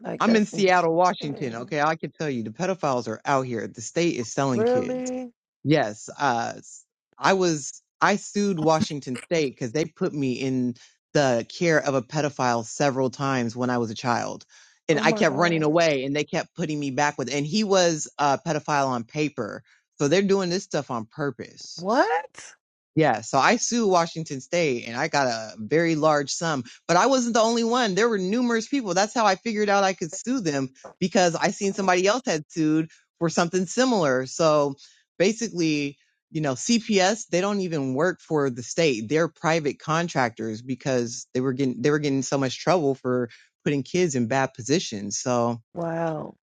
E: like
A: I'm in
E: that's ins-
A: Seattle, Washington.
E: mm,
A: Okay, I can tell you the pedophiles are out here. The state is selling kids.
E: really,
A: Yes, uh, I was I sued Washington State because they put me in the care of a pedophile several times when I was a child, and
E: oh
A: I
E: my
A: kept running
E: god,
A: away, and they kept putting me back with. And he was a pedophile on paper, so they're doing this stuff on purpose.
E: what?
A: Yeah, so I sued Washington State and I got a very large sum, but I wasn't the only one. There were numerous people. That's how I figured out I could sue them because I seen somebody else had sued for something similar. So basically, you know, CPS, they don't even work for the state. They're private contractors because they were getting they were getting so much trouble for putting kids in bad positions. So
E: Wow.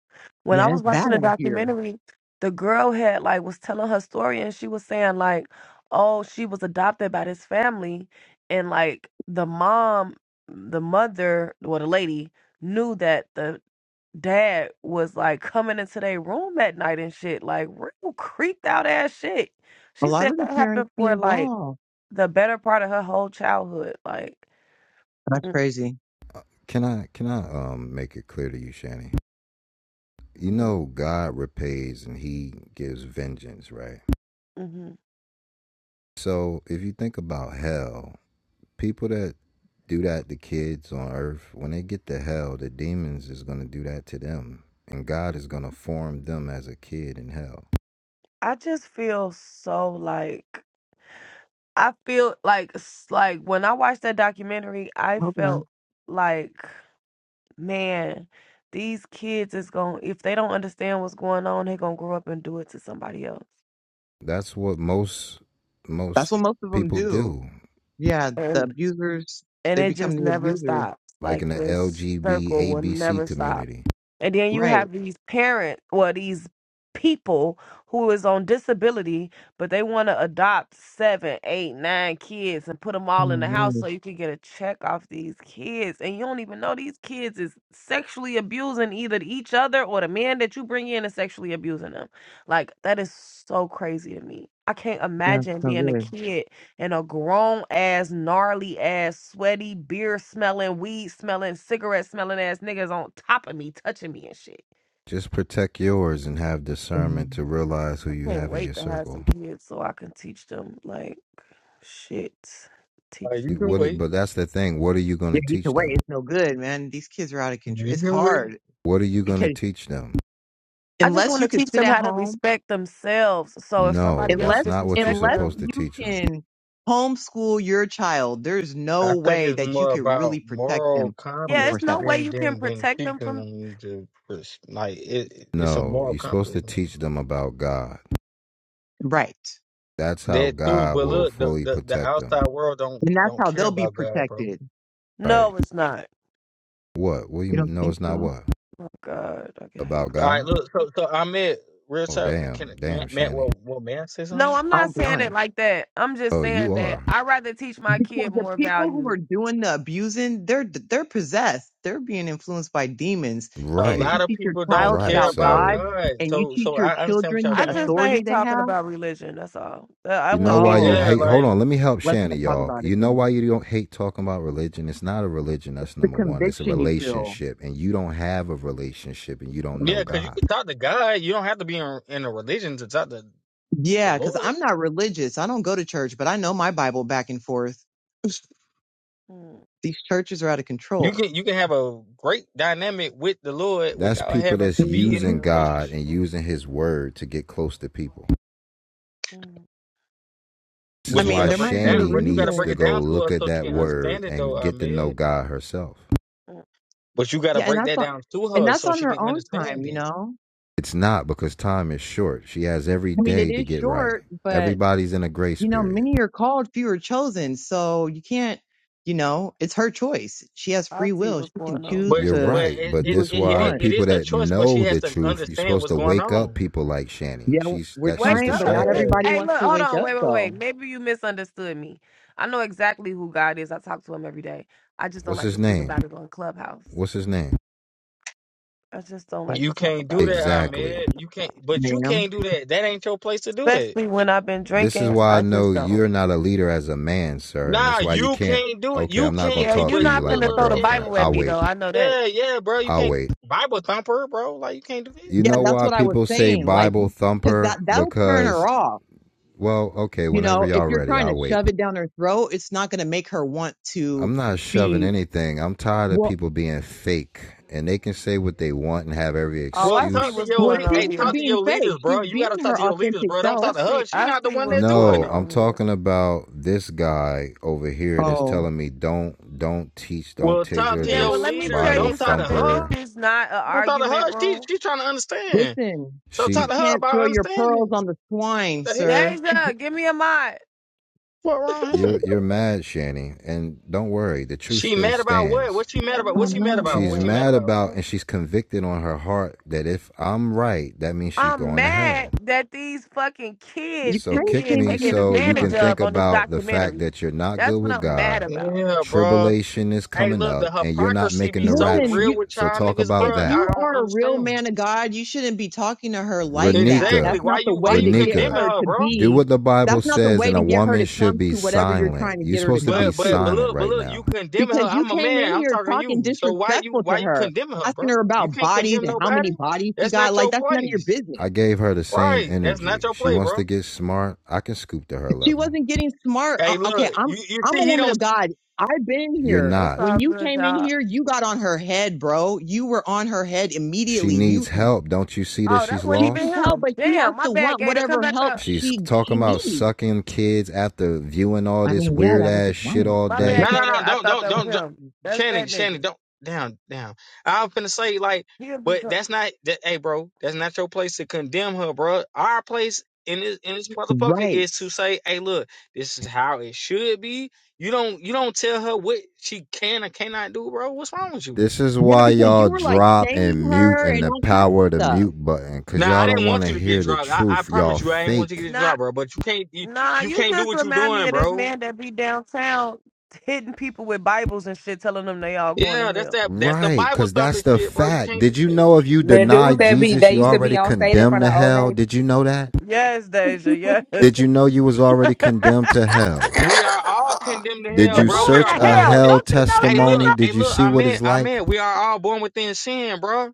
E: When
A: yeah,
E: I was
A: it's bad
E: watching the
A: out here.
E: documentary, the girl had like was telling her story and she was saying like, oh, she was adopted by this family and like the mom, the mother, well the lady knew that the dad was like coming into their room at night and shit, like real creeped out ass shit.
A: A
E: She
A: lot
E: said
A: of the
E: that
A: parents
E: happened
A: be
E: for like
A: involved.
E: the better part of her whole childhood. Like,
A: That's
E: mm
A: crazy.
G: Can I can I um make it clear to you, Shanny? You
E: mm
G: know God repays and he gives vengeance, right?
E: mhm.
G: So if you think about hell, people that do that to kids on earth, when they get to hell, the demons is gonna do that to them. And God is gonna form them as a kid in hell.
E: I just feel so like I feel like s- like when I watched that documentary, I
A: I hope not.
E: felt like, man, these kids is going to if they don't understand what's going on, they're going to grow up and do it to somebody else.
G: That's what most
A: That's
G: most
A: what most of them
G: people
A: do
G: do.
A: Yeah, the
E: And
A: abusers,
E: and
A: they
E: it
A: become
E: just
A: the
E: never
A: abuser.
E: stops.
G: Like in
E: Like
G: the L
E: this
G: G B
E: circle
G: A
E: will
G: B C
E: never stop.
G: community.
E: And then you
A: Right.
E: have these parents, well, these people who is on disability, but they want to adopt seven, eight, nine kids and put them
A: Oh
E: all in
A: my
E: the house so
A: word.
E: you can get a check off these kids. And you don't even know these kids is sexually abusing either each other or the man that you bring in is sexually abusing them. Like, that is so crazy to me. I can't
A: Yeah, it's
E: imagine
A: no
E: being a
A: good.
E: kid and a grown ass, gnarly ass, sweaty, beer smelling, weed smelling, cigarette smelling ass niggas on top of me, touching me and shit.
G: Just protect yours and have discernment
A: Mhm.
G: to realize who
E: I
G: you
E: can't
G: have in your
E: wait to have
G: circle.
E: some kids so I can teach them like shit.
H: Uh,
E: Teach
H: you
E: them.
H: can
G: What?
H: wait.
G: But that's the thing. What are you going
A: Yeah,
G: to
A: either
G: teach
A: way,
G: them?
A: it's no good, man. These kids are out of control.
H: You
A: It's
H: can wait.
A: hard
G: What are you going to
A: because
G: teach them?
E: I just
A: unless
E: want
A: you
E: to
A: can
E: teach
A: sit
E: them
A: at
E: how to
A: home,
E: respect themselves. So if
G: No,
E: somebody else
G: that's
A: unless
G: not what you're
E: disrespect
A: unless
G: supposed
E: them,
G: to
A: you
G: teach them.
A: can homeschool your child, there's no
H: I think
A: way
H: it's
A: that you
H: more
A: can
H: about
A: really protect
H: moral
A: them
E: yeah,
H: compass
E: it's no
A: 24/7.
E: way
H: than
E: you can
H: than than
E: protect them
H: teaching
E: from.
H: them to just, like it. It's a
G: No,
H: moral
G: you're supposed
H: compass.
G: to
H: Man.
G: teach them about God.
A: Right.
G: That's how
H: That too,
G: God
H: but
G: will
H: look, the,
G: fully
H: the the
G: protect them.
H: outside world don't
A: And that's
H: don't
A: how
H: care
A: they'll be
H: about God, bro.
A: protected.
G: Right?
E: No, it's not.
G: What? What? do You,
A: You don't
G: no,
A: think
G: it's not
A: so?
G: what
E: God, I can hate.
G: about
H: All right,
G: God.
H: look, so so I met real
G: Oh
H: talk. Can
G: damn, damn,
H: Matt, Matt
G: Shanny.
H: will will Matt say
E: No,
H: something?
E: I'm
A: I
E: not
A: won't be
E: saying
A: honest.
E: it like that. I'm just
G: Oh, you
E: saying that
G: are
E: I'd rather teach my
A: Because
E: kid
A: the
E: more
A: people who
E: value.
A: are doing the abusing, they're they're possessed. They're being influenced by demons.
H: A
A: And if
H: lot
A: you
G: right,
H: of
A: teach your
H: people don't
A: child
G: right.
H: care
A: about
H: about
G: So
A: God
H: God,
A: and you
H: so
A: teach
H: so
A: your
H: I understand what
A: children
H: y'all
E: I
A: the
E: just
H: saying.
E: I
A: authority
E: hate
A: they
E: talking
A: have,
E: about religion. That's all. Uh, I
G: You know
E: wasn't
G: why
E: meaning
G: you
E: it
A: oh,
H: Yeah,
E: like
G: hate?
A: okay.
E: that.
G: Hold
H: like
G: on, let me help
A: Let's not
G: Shannon,
A: talk
G: y'all.
A: about it
G: You know
A: then.
G: why you don't hate talking about religion? It's not a religion. That's
A: The
G: number one. It's a
A: conviction you feel.
G: relationship, and you don't have a relationship, and you don't know
H: yeah, cause you
G: God.
H: can talk to God. You don't have to be in, in a religion to talk to the
A: Yeah, because
H: Lord.
A: I'm not religious. I don't go to church, but I know my Bible back and forth.
E: Mm,
A: These churches are out of
H: You
A: control.
H: can you can have a great dynamic with the Lord
G: That's
H: without
G: people
H: having
G: that's
H: to be in a
A: hmm
G: using God
H: relationship.
G: and using His Word to get close to people.
E: mm,
G: This
A: I
G: is
H: But you
G: why
A: mean,
H: gotta
A: there
H: break it
A: might be a
H: down.
G: Shani
H: But you gotta
G: needs
H: break
G: to
H: it
A: reason.
G: go
H: down to her
G: look at
H: so she
G: that
H: can
G: Word
H: understand it though,
G: and get to know
H: Ahmed.
G: God herself.
E: mm.
H: But you gotta
A: Yeah, and
H: break
A: that's
H: that
A: on,
H: down to
A: and
H: her
A: that's
H: so
A: on
H: she
A: her
H: can
A: own time,
H: understand
A: you
H: it.
A: know.
G: It's not because time is short. She has every
A: I mean, it
G: day to
A: is
G: get right.
A: short, but
G: Everybody's in a grace
A: you know,
G: period.
A: many are called, few are chosen. So you can't, you know, it's her choice. She has
E: I
A: free
E: see
A: will.
E: what's
A: She can
E: going on
A: choose
H: But
G: You're
E: here.
A: to
H: but
G: right,
H: it
G: but
A: do
H: it
A: what
G: this
A: she
H: it,
G: why
H: it,
A: wants.
H: it
G: people
H: is a
G: that
H: choice, but she
G: know
H: has
G: the
H: to
G: truth, you're
H: understand
G: supposed
H: what's
G: to
H: going
G: wake up
H: on.
G: people like Shanny.
A: Yeah,
G: She's
A: we're
G: that she's
E: Wake
A: trying, but
E: up.
A: not
E: Look,
H: Yeah.
G: distracted.
A: everybody
E: hey,
A: wants
E: look,
A: to
E: hold
A: wake
E: on.
A: up
E: Wait, wait, wait.
A: though,
E: Maybe you misunderstood me. I know exactly who God is. I talk to him every day. I just don't
G: What's
E: like
G: his
E: to speak
G: name?
E: about it on Clubhouse.
G: What's his name?
E: I just don't like to
H: You
E: talk
H: can't do
E: about it on
H: that, Ahmed.
G: Exactly.
E: Clubhouse.
H: You can't but you
A: ma'am.
H: can't do that. That ain't your place to do that.
E: Especially when I've been
G: This is
E: drinking.
G: why I
E: I
G: know
E: just don't.
G: you're not a leader as a man, sir, and this
H: Nah,
G: is why you
H: you
G: can't.
H: can't do it.
G: Okay,
H: You
G: I'm not gonna
H: can't
E: Yeah,
H: you
G: talk
E: you're
G: to
H: but
G: you
E: not
G: like
H: look
G: my
E: finna
H: look,
E: throw the
H: yeah.
G: girlfriend.
E: Bible at
G: I'll
E: me though.
G: wait.
E: I know that.
H: Yeah, yeah, bro. You
G: I'll
H: can't
G: wait.
H: Bible thumper, bro. Like you can't do that.
G: You
A: Yeah,
G: know
A: that's
G: why
A: what I was
G: people say
A: saying. Like,
G: Bible
A: cause that,
G: thumper?
A: that'll turn her
G: Because
A: off.
G: well, okay,
A: You
G: whenever
A: know, if
G: y'all
A: you're
G: ready,
A: trying to
G: I'll wait.
A: shove it down her throat, it's not going to make her want to
G: I'm not shoving
A: be,
G: anything. I'm tired of
A: well,
G: people being fake and they can say what they want and have every
E: Oh,
H: Well,
E: I see
H: talk to
G: excuse.
E: what's
H: your
A: well,
E: going
H: lead.
A: she's
H: Hey,
E: on
A: not
E: here.
H: talk to your
A: being fake.
H: leaders,
A: She's
H: bro. You
A: being
H: gotta talk
A: her
H: to your leaders,
A: authentic
H: bro. Don't
E: I
H: talk
A: self.
H: to her.
E: see
H: She
E: I
H: not the
E: see
H: one
E: what's
H: that
E: going
H: doing
G: No,
H: it.
G: I'm
E: on here.
G: talking about this guy over here that's
A: Oh.
G: telling me don't don't teach, don't
H: Well,
G: teach
H: talk
G: her
H: to
E: Yeah,
H: your
E: well
G: this
E: let me
H: leaders.
E: tell
G: Bible
H: Don't
E: you
H: talk to
E: something.
H: her.
E: This
G: thumper.
E: is not an
H: Don't talk to
E: argument
H: her. She
E: room.
H: she trying to understand.
A: Listen,
H: So
A: you
H: talk
G: She
H: to her
A: can't
H: about
A: throw your pearls
H: understanding.
A: on the
H: What
A: swine,
H: the heck, man?
A: sir.
E: Deja, give me a mod.
H: What wrong
G: you're
H: him?
G: you're mad, Shani, and don't worry, the truth
H: She
G: still
H: mad about what?
G: stands.
H: What she mad
E: I'm
H: about?
A: Oh
H: What
E: not
H: she mad
A: no.
E: even
H: about?
G: She's
H: What she
E: mad.
H: mad
G: mad
H: about?
G: about and she's convicted on her heart that if I'm right, that means she's
E: I'm
G: going to hell.
E: mad that these fucking
A: You
E: kids
G: So
A: kind
E: is
A: of
G: kick
E: getting
A: came
G: me
A: in here
E: taken
G: so you
A: picking
G: can
E: advantage
A: on her.
G: think
E: of on this
G: about the fact
E: documentary.
G: that you're not good
E: That's what
G: with
E: I'm mad
G: God,
E: about.
H: Yeah, bro.
G: tribulation is
H: Hey,
G: coming
H: look, the
G: up, and you're not
H: hypocrisy
G: making
H: be
G: the
H: so
A: Listen,
H: real
A: you
G: rapture.
H: with
G: So
H: y'all
G: talk
H: niggas,
G: about
A: if
H: bro. I
G: that.
A: you
H: don't
A: are a real
H: understand.
A: man of God, you shouldn't be talking to her like that.
H: Exactly.
A: That's
G: Renika,
H: Why
A: not the
H: you why
A: way
H: you
A: to get
H: condemning
G: Renika,
A: her
H: her,
A: to
H: bro?
G: do
A: be.
G: what the
A: That's
G: Bible
A: not the
G: says,
A: way
G: and
A: to
G: a
A: get her
G: woman
A: to
G: should
A: come
G: be
A: to whatever you're
G: silent.
A: trying to
G: You're
A: get her to
G: supposed to be
A: come
H: But but
A: to.
H: but
G: silent
H: look, but
G: right
H: look, you
G: now.
H: condemning her.
A: Because you
H: I'm a
A: came
H: man.
A: in
H: I'm
A: here
H: talking to
A: talking
H: you. So why you
A: disrespectful to
H: why you
A: her,
H: condemning her,
A: asking
H: bro?
A: her
H: You
A: about
H: can't
A: bodies
H: condemn
A: and how
H: nobody.
A: many bodies she
H: That's
A: got.
H: not
A: Like
H: your
A: that's none of your
H: place.
A: business.
G: I gave her the same
H: Right. That's not
G: energy.
H: your
G: She
H: play,
G: wants
H: bro.
G: to get smart. I can scoop to her
A: She
G: level.
A: wasn't getting smart. Uh,
H: Hey,
A: okay,
H: look,
A: I'm
H: you, you
A: I'm
H: see
A: a
H: he don't
A: woman of God. I've been
G: You're
A: here.
E: It's
G: not.
A: When
E: all
A: you
E: good,
A: came in
E: y'all.
A: here, you got on her head, bro. You were on her head
G: She
A: immediately. You
G: needs help. Don't you see that
E: Oh,
G: she's
E: that wasn't
A: she needs
E: even
G: lost?
A: help,
E: him.
A: but she has
E: Damn, my
A: to
E: bad,
A: want
E: Gator. Come
A: whatever
E: back
A: help
E: up.
G: She's
A: she she
G: talking about
A: needs.
G: sucking kids after viewing all
A: I
G: this
A: mean, yeah,
G: weird
A: that
G: ass
A: wasn't
G: shit
A: nice,
G: all
E: My
A: but
G: day.
H: No,
E: bad,
H: no,
E: Gator.
H: no,
E: I
H: don't,
E: thought
H: don't,
E: that was
H: don't, don't.
E: him. That's
H: Shannon,
E: that
H: Shannon,
E: nigga.
H: don't, down, down. I'm finna say like,
E: He'll be
H: but
E: co-
H: that's not, that, hey, bro, that's not your place to condemn her, bro. Our place in this in this motherfucker
A: right.
H: is to say, hey, look, this is how it should be. You don't, you don't tell her what she can or cannot do, bro. What's wrong with you?
G: This is
A: Yeah,
G: why
A: because
G: y'all
A: you were like
G: drop
A: shaming
G: and mute
A: her
G: and
A: and
G: the
A: all kinds of
G: power of the
A: stuff.
G: mute button because
H: Nah, I
G: y'all don't
H: didn't
G: want
H: want
G: to
H: you to get
G: hear the
H: dropped. I, I
G: truth. Y'all
H: promise you, I ain't want you to
G: fake.
H: get
E: nah.
H: dropped, bro. But you can't, you,
E: Nah,
H: you
E: you
H: can't do
E: just
H: what you
E: remind me
H: doing,
E: of this
H: bro.
E: man that be downtown hitting people with Bibles and shit, telling them they all going
H: Yeah,
E: to
H: that's
E: hell.
H: that, that's the
G: Right,
H: Bible
G: because
H: thumping
G: that's the
H: shit, bro. You
G: fact.
H: can't do
G: Did you
H: that.
G: know if you
B: The
G: deny
B: dude that be
G: Jesus,
B: they
G: you
B: used to be
G: already
B: on stage in
G: condemned
B: front
G: to
B: of Old
G: hell?
B: Navy.
G: Did you know that?
E: Yes, Deja, yes.
G: Did you know you was already condemned to hell?
H: We are all condemned to
G: Did
H: hell,
E: You're
G: you
A: Right,
H: bro. We
E: going
H: are
G: search
E: to
G: a
H: born with
E: hell.
H: it.
G: hell
E: Don't you know
H: Hey,
E: Jesus?
H: look,
G: testimony?
H: hey,
G: Did you
H: look,
G: see
H: I
G: what
H: mean,
G: it's
H: I
G: like?
H: mean, we are all born within sin, bro.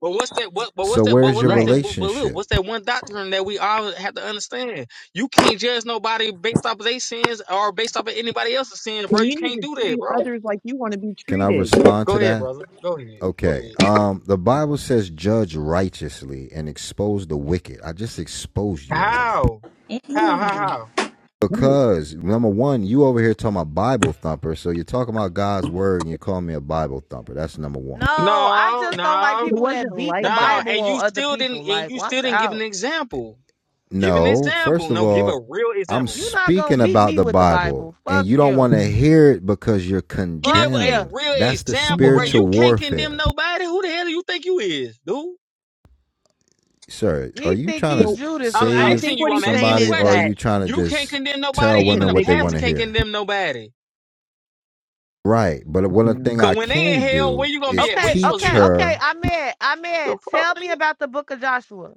H: But what's that? What? But what's
G: So
H: that? But,
G: where's
H: but
G: your
A: right.
H: listen, but, but look,
G: relationship?
H: what's that one doctrine that we all have to understand? You can't judge nobody based off of their sins or based off of anybody else's sins, bro.
A: And
H: You
A: you need
H: can't
A: to
H: do that,
A: treat
H: bro.
A: others like you want to be
G: Can I
A: treated.
G: respond
H: Go
G: to
H: ahead,
G: that?
H: brother. Go ahead. Go
G: Okay.
H: ahead.
G: Um, the Bible says, "Judge righteously and expose the wicked." I just exposed you in here
H: How? How? How? How?
A: Right.
G: because number one, you over here talking about Bible thumper, so you're talking about God's word and you call me a Bible thumper. That's number one.
E: No, I
H: No,
E: just don't like
H: no,
A: It
E: people
A: wasn't
E: that beat
A: like
E: the
H: no.
A: that.
E: Bible
H: And you
E: on other
H: still didn't.
E: people.
H: And
E: Like,
H: you still
E: watch
H: didn't give an
E: out.
H: example. Give an
G: No,
H: example.
G: first of
H: No, give
G: all,
H: a real
G: I'm
H: example.
E: you not going
G: speaking
E: to beat
G: about
E: me
G: the
E: with the
G: Bible,
E: Bible.
G: and
E: Fuck
G: you don't want
E: you.
G: to
A: Mhm.
G: hear it because you're
E: Fuck
H: give a
E: you.
G: condemned.
H: real
G: That's the
H: example, bro.
G: spiritual
H: You
A: Mm.
H: can't condemn
G: warfare,
H: nobody. Who the hell do you think you is, dude?
G: sir. Are
E: He
G: you
E: think
G: trying
E: he
A: So
G: to
E: Judas
H: I'm
E: or
A: I
H: asking
G: save
E: something.
A: think
H: you.
A: what
H: I'm
A: he's
H: asking
A: saying
H: you a
G: somebody,
A: is
G: or are
A: that
H: question.
G: you trying to
H: You can't
G: just
H: condemn nobody.
G: tell
A: the
H: Even
G: women
H: a
G: what they want
H: pastor
G: to
A: conviction.
H: can't
G: hear?
H: condemn nobody.
G: Right. But one
A: Yeah.
G: thing
H: Cause
G: I
H: when they in
G: can
H: hell, where
G: do
H: you gonna be
G: is
H: at? Where
E: Okay,
H: you supposed
G: teach
H: to
E: okay,
H: be at?
E: okay.
G: her.
E: I'm in. I'm in.
H: The fuck,
E: Tell me
H: nigga.
E: about the book of Joshua.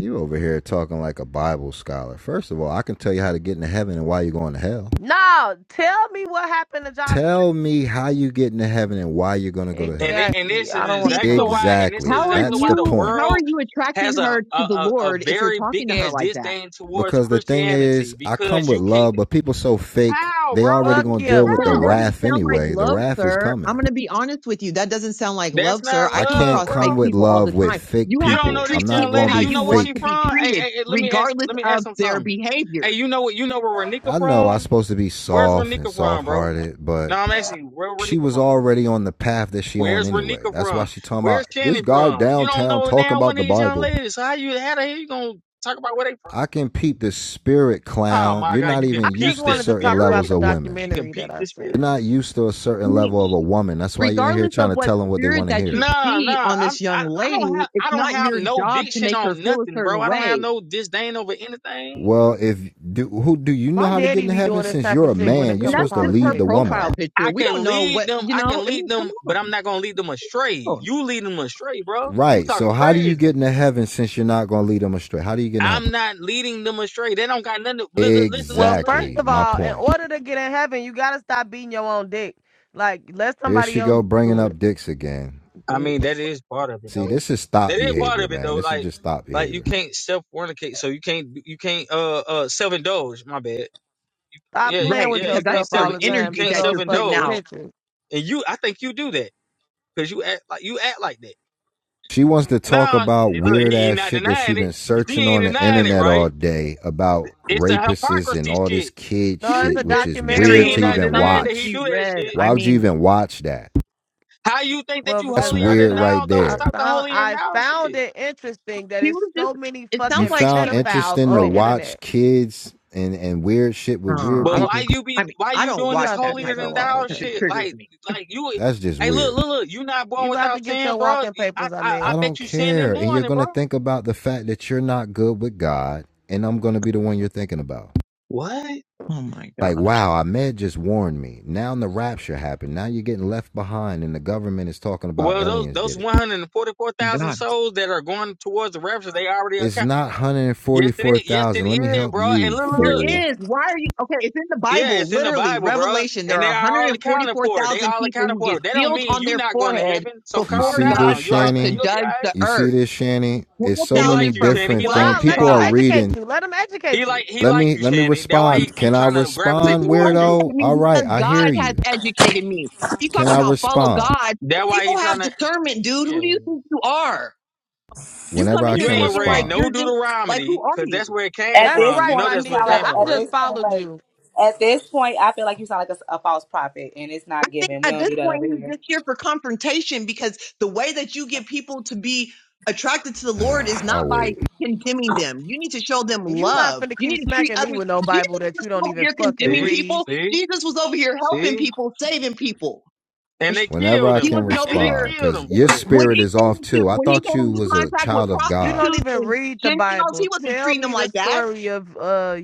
G: You over here talking like a Bible scholar. First of all, I can tell you how to get into heaven and why you're going to hell.
E: No, tell me what happened to Joshua.
G: Tell me how you get into heaven and why you're going to go to
H: And
G: hell.
H: it, and
E: Exactly.
H: this
E: I
H: is
E: don't want to
A: Be-
H: exactly
E: talk
A: So
E: to you.
H: why. And this is
G: Exactly.
A: how are
H: exactly
G: That's
H: why
G: the
H: the
A: you
G: point.
A: how are
H: world
A: you attracting
H: has a
A: her
H: a,
A: to the
H: a, a
A: Lord if you're
H: very
A: talking
H: big
A: to her
H: ass
A: like that?
H: disdain towards
G: Because the thing
H: Christianity
G: is, I come
H: because
G: with
H: you can't.
G: love, but people so fake,
H: How,
G: they
H: bro?
G: already
E: Fuck
G: going to deal
E: you.
G: with
A: But
G: the
A: it
H: How?
A: doesn't
G: wrath
A: sound like
G: anyway. The
A: love,
G: wrath is
A: sir. I'm
G: coming.
A: going to be honest with you. That doesn't sound like
H: That's
A: love, sir.
H: not
A: I
G: I
A: come
G: can't
H: love,
A: across
H: bro.
G: come
A: fake
G: with
A: people all
G: love
A: the
G: with
A: time.
G: fake
A: You
H: You
A: have to
H: don't know
G: people.
H: this
G: I'm
A: treat
G: not
H: young
A: people
G: going
H: lady.
G: to
A: how
G: be
H: You
A: you
H: know where
A: want
H: she
A: to
G: fake.
A: be
H: from? Hey,
A: treated,
H: hey, hey, let me ask.
A: regardless
H: Let me ask
A: of
H: him
A: their
H: something. Hey,
A: behavior.
H: you know what? You know where Renika
G: I know I'm
H: from?
G: supposed to be
H: Where's
G: soft and
H: Renika from,
G: soft
H: bro?
G: hearted, but
H: No, I'm asking you. Where
G: she
H: Renika
G: was
H: from?
G: already on the path that she on
H: Where's
G: anyway.
H: Renika
G: That's why
H: from?
G: she talking
H: Where's
G: about this
H: Shannon
G: guy
H: from? You don't
G: downtown
H: know
G: talking
H: now
G: about
H: one
G: the
H: of these young
G: Bible.
H: ladies. So how you how the hell you gonna talk about where they from?
G: I can peep the spirit
H: Oh
G: clown.
H: my
G: You're
H: God!
G: not
H: You
E: I
H: can
G: even
H: peek
E: just
G: used to
H: the
E: wanted to
G: certain
E: talk about
H: spirit.
G: levels
E: the
G: of women.
H: You can
E: documentary that
H: peek
E: I
H: the spirit.
G: You're
E: seen.
G: not used to a certain
A: Preach.
G: level of a woman. That's why you ain't here
A: Regardless
G: trying
A: of
G: to
A: what
G: tell them what they
A: spirit
G: want to
A: that you
G: hear.
H: Nah,
A: see
H: nah.
A: on
H: I'm,
A: this
H: I
A: young
H: I don't
A: lady,
H: have
A: it's
H: I don't
A: not
H: have
A: your
H: no
A: job to
H: diction
A: make her
H: on
A: feel a
H: nothing, bro.
A: certain
H: I don't have
A: way.
H: no disdain over anything.
G: Well, if do, who do you know
E: My
G: how to get
E: daddy
G: into
E: be
G: heaven?
E: doing this
G: Since
E: type
G: you're
E: of
G: a
E: shit when
G: man,
E: it
G: you're
A: And
E: come to
A: that's
G: supposed to
A: just
G: lead
A: her
G: the
E: politics.
G: woman,
A: profile
E: so-
A: picture.
H: I
A: We don't
H: can
A: know
H: lead
A: what,
H: them.
A: you
H: I
A: know,
H: can
A: I
H: lead
A: mean, come
H: them, but I'm
A: on.
H: not gonna lead them astray.
A: Come on.
H: You lead them astray, bro. You
G: right?
H: talking
G: So how do you
H: crazy.
G: get into heaven since you're not going to lead them astray? How do you get into
H: I'm
G: heaven?
H: not leading them astray. They don't got nothing. To, listen, listen,
E: Well,
H: listen,
E: first
H: listen.
G: Exactly
E: of
G: my
E: all, in
G: point.
E: order to get in heaven, you gotta stop beating your own dick. Like, let
G: Here
E: somebody
G: she
E: else
G: go bringing
E: do it,
G: up dicks again.
H: I mean, that
E: bitch.
H: is part of it,
G: See,
H: though.
G: this is
H: That
G: thought
H: is part
G: behavior,
H: of it,
G: man.
H: though.
G: This is
H: Like,
G: just thought
H: like you
G: behavior.
H: can't self fornicate, so you can't you can't uh uh self indulge. My bad.
E: Stop
H: Yeah,
E: playing
A: Right.
E: with
H: yeah.
A: Because
H: You
A: that's
H: can't
E: yourself
A: a
H: self
E: all
A: certain
E: the
H: you, you
E: time
A: energy
E: to
H: can't
A: that
H: self
E: those
A: you're putting
E: fucking
A: out.
H: indulge,
E: pictures.
H: and you I think you do that because you act like you act like that.
G: She wants to talk
H: Nah,
G: about
H: look,
G: weird
H: he, he
G: ass
H: not
G: shit that she
H: denying it.
G: been
H: He
G: searching
H: ain't
G: on the
H: denying it,
G: internet
H: right?
G: all day about
H: It's a
G: rapists and
H: hypocrisy
G: all this
H: shit.
G: kid
A: She
E: No, it's
A: was
E: a
G: shit, which
A: just
G: is
H: You
E: documentary.
H: see,
E: It
G: weird
H: he
G: to
A: sharing
E: was
H: not
E: on
G: even
H: denying
A: something
E: YouTube.
H: that he
A: she
G: watch.
H: do that
A: read.
H: shit.
A: I
G: Why would you
A: mean,
G: even watch that?
H: How you think that
E: Well,
H: you
G: That's
E: because
H: holier
E: I
H: than
G: weird
E: found
H: thou
G: right
H: though?
E: I
G: there.
H: Stop the
E: found
H: holier than
E: I
H: thou
E: found
H: shit.
E: it interesting that
A: she
E: it's
A: was just,
E: so many
A: it sounds
G: You
E: fucking
A: like
G: found
A: she was just
E: pedophiles
G: interesting
E: on
G: to
E: the
A: scrolling.
G: watch
E: internet.
G: kids and, and weird shit with
A: Uh,
G: weird
H: But
A: I don't,
H: why
G: people?
H: you be
A: I mean,
H: why
A: I
H: you
A: don't
H: doing
E: You
H: this
A: watch
E: about to
A: that
H: holier
E: get
A: type of
E: your
H: than
A: stuff
E: walking
H: thou
A: because it
H: shit?
E: papers.
A: triggers
H: Like
A: me.
H: like you,
G: That's just
H: hey look
G: weird.
H: look look, you not
E: You
H: born
E: about to
H: without
E: get
H: sin,
E: your
H: bro.
E: walking
H: You- I
E: papers, I
H: I,
E: mean.
H: I
G: I don't
H: bet you sin in
G: care.
H: the
G: And you're
H: morning,
G: going
H: bro.
G: to think about the fact that you're not good with God, and I'm going to be the one you're thinking about.
H: What?
A: Oh my
G: like
A: gosh.
G: wow ahmed just warned me now the rapture happened now you're getting left behind and the government is talking about
H: Well, those
G: aliens
H: those
G: did it
H: one hundred and forty four thousand souls that are going towards the rapture, they already
G: it's
H: account.
G: not
H: Yes, it is. Yes, it
G: 144000 let me
H: is,
G: help
H: bro. And
G: you
H: look, look,
A: There
H: look.
G: fool
A: is. Why are you okay? It's in the
H: Yeah,
A: Bible,
H: it's in the
A: literally,
H: Bible, bro.
A: Revelation. There
H: And they
A: are
H: are all accounted for. They
A: 144,000
H: all
A: people
H: accounted
A: who
H: for.
A: get
H: That don't
A: sealed
H: mean
A: on
H: you
A: their
H: not going to
A: forehead
H: heaven. So
G: you
H: calm
A: before
G: see this
A: God
H: down. You all
A: starts to
G: shanny
H: you'll be all
A: judge
H: right.
A: the
G: you see
A: earth.
G: this shanny it's so
H: He
G: many
A: 12,000
H: like you,
A: from
H: Shanny.
G: different
H: He like
G: things
A: 12
E: Nah,
H: you,
E: let
G: people
E: them
H: Shanny.
G: are
A: tribes.
G: reading
E: educate you. Let them
H: He
E: educate you.
H: like he
G: let
H: like
G: me
H: you,
G: let me
H: Shanny. That's why he
G: respond
H: keep
G: can i
H: trying to gravitate
G: respond
A: He
H: towards you.
G: weirdo
A: Educated
G: all
A: me
G: right
A: because
G: i hear
A: God has
G: you
A: educated me. He's
G: can
A: talking
G: i
A: about follow
G: respond
A: God.
H: That's why he
A: People
H: trying
A: have
H: to
A: discernment, dude.
H: yeah.
A: Who do you think you are? You
G: whenever
A: come in
G: i
H: You
A: here
G: can
H: ain't
A: talking
H: read
A: like
G: respond
H: no
A: you're just like, who
H: Deuteronomy,
A: are
H: cause
A: you?
H: that's where it came
B: At
E: That's
B: this
H: from. You
E: right,
H: know
B: point, you
H: that's where
E: Ronika.
B: sound
H: it
B: like
H: came
E: I
H: from,
B: at
H: right?
E: just
B: this point,
E: followed
B: wait.
E: you.
B: At this point, I feel like you sound like a, a false prophet, and it's
A: I
B: not
A: think
B: given. We
A: at
B: don't
A: this
B: do that
A: point
B: over
A: he's
B: here.
A: just here for confrontation because the way that you get people to be attracted to the Lord is
G: i'll
A: not by
G: wait
A: condemning them. You need to show them
E: You not
A: love.
E: finna
A: You
E: keep
A: need to treat
E: smacking me
A: others.
E: with no Bible
A: Jesus
E: that
A: was
E: you don't
A: over
E: even
A: here
E: fucking
A: condemning
H: See?
E: read.
A: people.
H: See?
A: Jesus was over here helping
H: See?
A: people, saving people.
H: And they
G: whenever
H: killed
G: I
A: He
G: can
H: him.
A: wasn't over
H: And they
A: here
G: respond,
H: killed
G: because
H: him for
G: your
H: that.
A: when
G: spirit
A: he
G: is
A: came
G: off
A: into
G: too. I
A: when he
G: thought
A: came
G: you
A: into
G: was a
A: contact with
G: child of
E: You
G: God.
E: don't
A: prostitutes
E: even
A: and
E: read the
A: Gentiles. He
E: Bible.
A: wasn't
E: Tell
A: treating them
E: me the
A: like that.
E: story of uh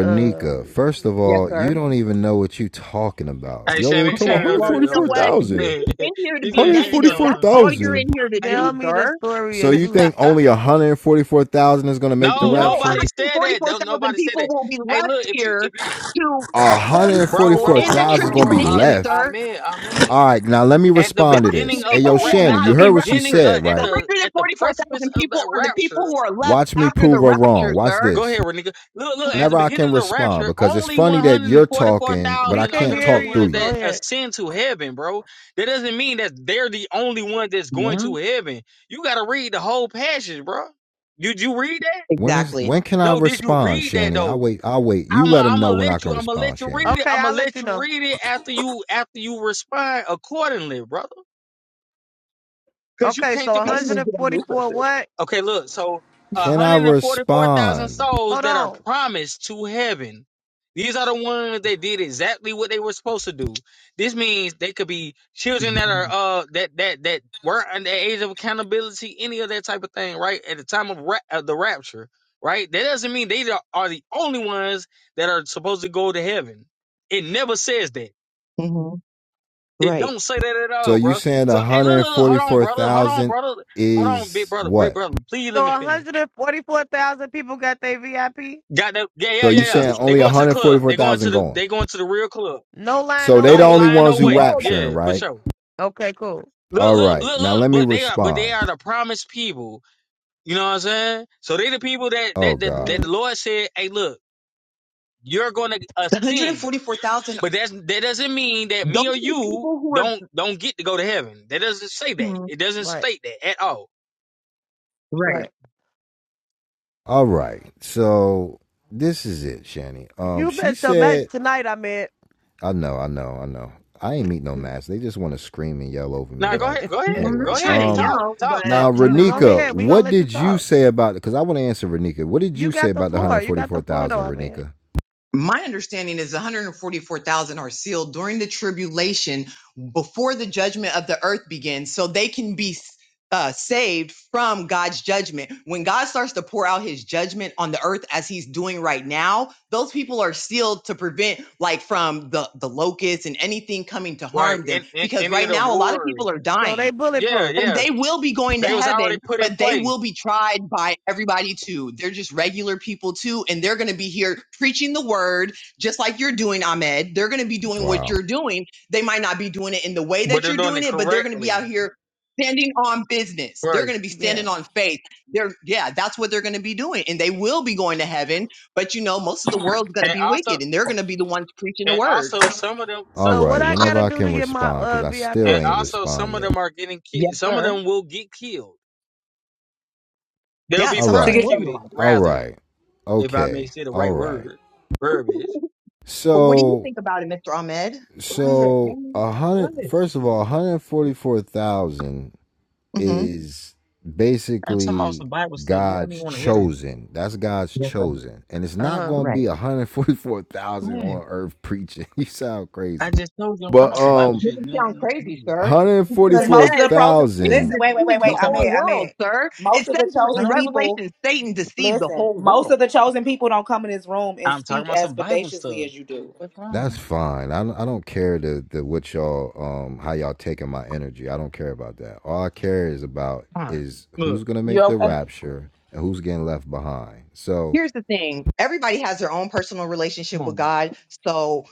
E: uh
G: first of
A: Yes,
G: all, you
A: sir.
G: don't even know what you talking about.
H: Hey,
G: You over here
H: Shannon,
G: talking
A: Okay,
G: about
H: Shannon, don't do
A: well,
H: that.
A: you know
H: Don't do
A: what? You're
G: 144,000.
A: just
H: that.
A: in here to
H: he
A: be
H: said she
A: negative.
H: thought I was
A: That's
H: from
A: all you're
H: championship.
G: 144,000.
A: in here to
H: Hey,
A: do,
H: look.
E: tell me the
A: sir.
E: story
G: So
E: of
G: you think
E: Judas.
G: only 144,000 is going to make the
H: no,
A: No,
G: rapture?
H: nobody said that. No,
A: 144,000
H: nobody said
A: people
H: that.
A: will be
H: Hey,
A: left
H: look, if you, if
A: here
H: you,
A: to those
H: bro,
A: people
H: bro,
A: in the
H: bro,
G: 144,000 is
H: bro,
G: going to
H: bro,
G: be
H: Amen,
A: tribulation,
G: left.
A: sir.
H: amen, amen.
G: All right, now let me
H: At the
G: respond to
A: That's
H: beginning
A: the
G: this. Hey,
H: of
A: people
H: the,
G: yo,
A: who
H: ra-
A: will
G: Shannon,
H: at
A: not
G: you
H: the
A: be
G: heard what she
H: beginning,
A: raptured.
H: of,
G: said,
H: at
A: The
G: right?
H: the, at the precipice
A: 144,000
H: of
A: people
H: the
A: are the people
H: rapture,
A: who are left
G: Watch me
A: after the
G: prove her wrong.
A: rapture,
G: Watch
A: sir.
H: Go
G: this.
H: ahead, Renika. Look, look, at the
G: whenever I
H: beginning
G: can
H: of the
G: respond
H: rapture,
G: because it's
H: only
G: funny that you're talking, but
E: We
G: I
H: 144,000 are
E: can
H: going
G: can't
H: to be the
E: hear
G: talk through
E: you.
H: ones
G: you.
E: Go
H: that
E: ahead.
H: ascend to heaven, bro. That doesn't mean that they're the only one that's going
A: Yeah,
H: to heaven. You got to read the whole passage, bro. Did you read that?
G: When is
A: exactly.
G: when can I
H: No, did you
G: respond,
H: read that
G: Shanny? I
H: though?
G: wait. I wait. You
H: I'm i
G: let them
H: I'm
G: know
H: gonna
G: when I
H: let
G: can
H: you I'm gonna
G: respond,
H: let you
G: Shanny.
H: read it.
E: Okay,
H: I'm
E: I'll
H: gonna
E: let
H: let
E: you
H: you
E: know.
H: read it after you after you respond accordingly, brother. Cuz you
E: Okay,
H: can't
E: so
H: just
A: That's
H: be
A: what we do in this
E: 144 what?
H: Okay, look, so
G: Can I
H: 144,000
G: respond?
H: souls
E: Hold
H: that are
E: on.
H: promised to heaven. These are the ones that did exactly what they were supposed to do. This means they could be children that are
A: country.
H: uh that that that were under the age of accountability, any of that type of thing, right? At the time of, ra- of the rapture, right? That doesn't mean they are are the only ones that are supposed to go to heaven. It never says that.
A: Mhm.
H: It
A: Right.
H: don't say that at
G: So
H: all,
G: you
H: bro.
G: saying
H: So
G: one
H: hey, look,
G: hundred
H: look, look,
G: forty
H: hold on,
G: four
H: brother, hold on,
G: thousand
H: brother, hold on, big
G: is
H: brother, big
G: what?
H: brother. Please
E: So
H: let me finish.
E: 144,000 people got their VIP?
H: Got that? Yeah,
G: So
H: yeah, yeah,
G: you
H: yeah.
G: saying
H: They
G: only one
H: going to the
G: hundred forty
H: club.
G: four
H: They going to
G: thousand
H: the.
G: going?
H: They going to the real club.
E: No line,
G: So
E: no
G: they
H: No
G: the
E: wait.
G: only
H: line, no
G: ones who
A: No,
H: wait.
G: rapturing,
H: Yeah, for
G: right?
H: sure.
E: Okay, cool.
H: Look,
G: All
H: look,
G: right.
H: look,
G: Now
H: look.
G: let me
H: But they are, but they
G: respond.
H: are the promised people. You know what I'm saying? So they the people that
G: Oh
H: that that, that
G: God.
E: hmm
H: the Lord said, "Hey, look, you're going to
A: that's the
H: ascend."
A: 144,000.
H: But that's that doesn't mean that
A: Those are
H: me or
A: the
H: you
A: people who are.
H: don't don't get to go to heaven. That doesn't say that.
A: Mhm.
H: It doesn't
E: Right,
H: state that at all.
A: Right.
E: right.
G: All right. So this is it, Shanny. Um,
E: You
G: she
E: bet your match
G: said
E: tonight, I mean.
G: I know, I know, I know. I ain't meet no mask. They just want to scream and yell over
H: Now
G: me.
H: go ahead,
G: Like
H: go
A: Well,
H: ahead,
A: I'm not
H: go
G: anyway,
A: trying
H: ahead.
A: to
G: um,
H: Talk,
A: yell,
H: talk,
A: but,
H: talk,
G: now
A: you
H: talk.
E: Go
A: know.
G: Renika,
E: ahead. we going to
G: what
E: let you
G: did you
E: talk.
G: say about? it? Because I want to answer Renika. What did
E: You
G: you say
E: got the
G: about the one hundred
E: floor. You got
G: forty-four
E: the floor, though,
G: thousand,
E: I mean.
G: Renika?
A: my understanding is 144,000 are sealed during the tribulation before the judgment of the earth begins so they can be uh, saved from God's judgment. When God starts to pour out his judgment on the earth as he's doing right now, those people are sealed to prevent like from the the locusts and anything coming to
H: Right?
A: harm them
H: In, in
A: because
H: any
A: right
H: of the
A: now a lot of people
H: wars.
A: are
E: So
A: dying
E: they
H: Yeah,
E: bulletproof.
A: and
H: yeah.
A: they will be going to
H: They was already
A: heaven,
H: put in
A: but they
H: place,
A: will be tried by everybody too. They're just regular people too, and they're going to be here preaching the word just like you're doing, Ahmed. They're going to be doing what
G: Wow.
A: you're doing. They might not be doing it in the way
H: but
A: that
H: they're
A: you're
H: doing
A: doing
H: it
A: it, but they're going to be out
H: correctly.
A: here standing on business. They're
H: Right.
A: going to be
E: Yeah.
A: standing on faith. They're yeah, that's what they're going to be doing, and they will be going to heaven. But you know, most of the world's going to
H: And
A: be
H: also,
A: wicked, and they're going to be the ones preaching the
H: and
A: word.
H: also some of them,
G: All
H: some,
E: So
G: right.
E: what I
G: Whenever
E: gotta
G: I
E: do
G: can
E: to get my
G: respond, because
E: uh
G: I still
H: and
E: VIP
G: ain't
E: ticket?
H: also some
G: respond
H: of
G: yet.
H: them are getting ki
A: Yes,
H: Some of
A: sir.
H: them will get killed. They'll
A: Yeah,
H: be
G: All
A: some of
B: To
A: them
B: get
G: right.
A: will
B: your,
A: be
H: persecuted,
A: liars.
G: All
H: rather,
G: right.
H: if I may
G: Okay.
H: say the
G: All
H: right
G: right.
H: word, verbiage.
A: But what do you
G: So
A: think about it, Mr. Ahmed?
H: What,
G: so
H: man?
G: a
H: What?
G: hundred. First of all, one hundred forty-four thousand
A: hmm
G: is
H: I'm talking about
G: basically
H: some Bible stuff. You don't even
G: God's
H: want to hear it.
G: chosen. That's God's
A: Yes, sir.
G: chosen. And it's
E: Uh
G: not
E: huh.
G: going to
A: Right.
G: be 144,000
H: What?
G: on earth preaching. You sound
H: I
G: crazy.
H: just told you I'm talking
G: But
H: about some
A: It
H: Bible
G: um
H: shit.
A: doesn't
H: You don't
A: sound
H: want to
A: crazy,
H: hear it.
A: sir, because
B: because
A: it
B: most of the
A: says
B: pros,
A: Satan
B: listen,
G: 144,000
B: wait, wait, wait,
A: deceives
B: wait.
H: I'm
A: the
B: I'm
H: talking about,
A: whole
B: I'm
A: world, sir. It
B: Most of
A: says
B: the
A: in
B: chosen
H: huh?
B: people,
A: Revelation, Satan deceives the
B: listen.
A: whole
B: Most of
A: world.
B: the chosen people don't come in this room and
H: I'm talking
B: speak
H: about
B: as
H: some Bible
B: bodaciously
H: stuff.
B: as you do.
H: What's
G: that's
H: wrong?
G: fine. I don't, I don't care the, the what y'all um how y'all taking my energy. I don't care about that. All I care is about
H: All right.
G: is who's
H: Look,
G: going to make
B: You're
G: the
B: and
G: rapture and who's getting left behind. So
A: Here's the thing: everybody has their own personal relationship
H: come
A: with
H: on, man.
A: God, so